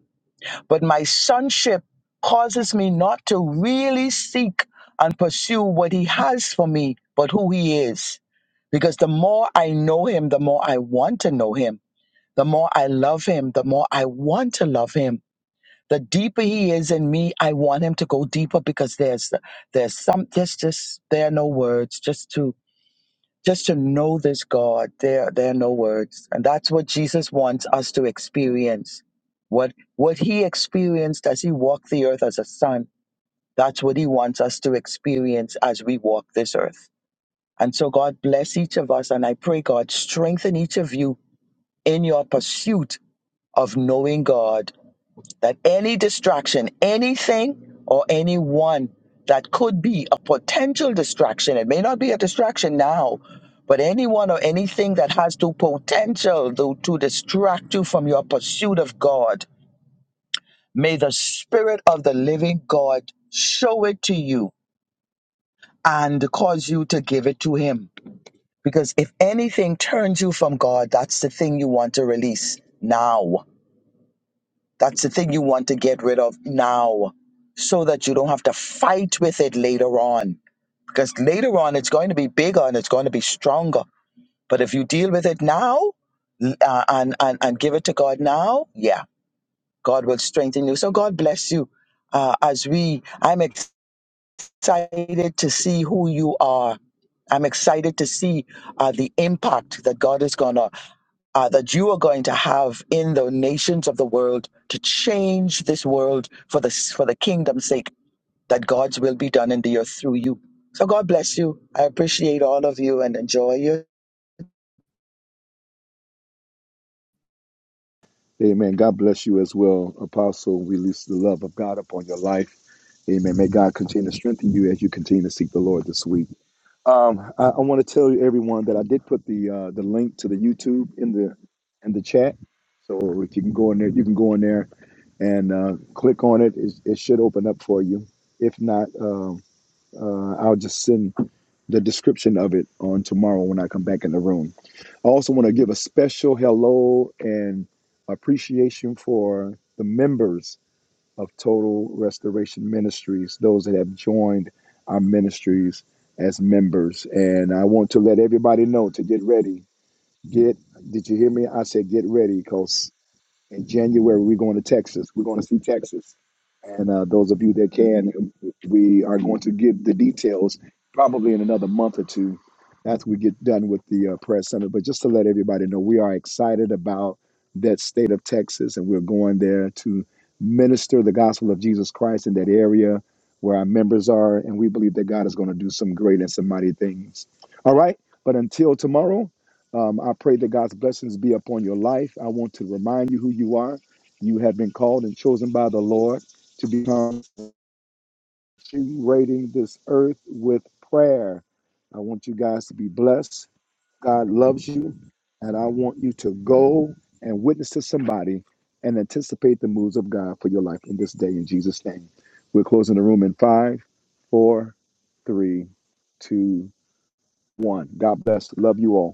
J: but my sonship causes me not to really seek and pursue what he has for me, but who he is. Because the more I know him, the more I want to know him. The more I love him, the more I want to love him. The deeper he is in me, I want him to go deeper because there's there's some there's just there are no words just to just to know this God, there, there are no words. And that's what Jesus wants us to experience. What, what he experienced as he walked the earth as a son, that's what he wants us to experience as we walk this earth. And so God bless each of us. And I pray God strengthen each of you in your pursuit of knowing God that any distraction, anything or anyone that could be a potential distraction, it may not be a distraction now, but anyone or anything that has the potential to, to distract you from your pursuit of God, may the Spirit of the living God show it to you and cause you to give it to Him. Because if anything turns you from God, that's the thing you want to release now That's the thing you want to get rid of now so that you don't have to fight with it later on. Because later on, it's going to be bigger and it's going to be stronger. But if you deal with it now l- uh, and, and, and give it to God now, yeah, God will strengthen you. So God bless you. Uh, as we, I'm excited to see who you are. I'm excited to see uh, the impact that God is going to uh, that you are going to have in the nations of the world to change this world for the for the kingdom's sake that God's will be done in the earth through you. So God bless you. I appreciate all of you and enjoy your
A: Amen. God bless you as well, Apostle. We release the love of God upon your life. Amen. May God continue to strengthen you as you continue to seek the Lord this week. Um, I, I want to tell you everyone that I did put the uh, the link to the YouTube in the in the chat. So if you can go in there, you can go in there and uh, click on it. it. It should open up for you. If not, uh, uh, I'll just send the description of it on tomorrow when I come back in the room. I also want to give a special hello and appreciation for the members of Total Restoration Ministries, those that have joined our ministries as members. And I want to let everybody know to get ready. Get, did you hear me? I said, get ready cause in January, we're going to Texas. We're going to see Texas. And uh, those of you that can, we are going to give the details probably in another month or two after we get done with the uh, press summit. But just to let everybody know, we are excited about that state of Texas, and we're going there to minister the gospel of Jesus Christ in that area where our members are. And we believe that God is going to do some great and some mighty things. All right. But until tomorrow, um, I pray that God's blessings be upon your life. I want to remind you who you are. You have been called and chosen by the Lord to become rating this earth with prayer. I want you guys to be blessed. God loves you, and I want you to go and witness to somebody and anticipate the moves of God for your life in this day in Jesus' name. We're closing the room in five, four, three, two, one. God bless. Love you all.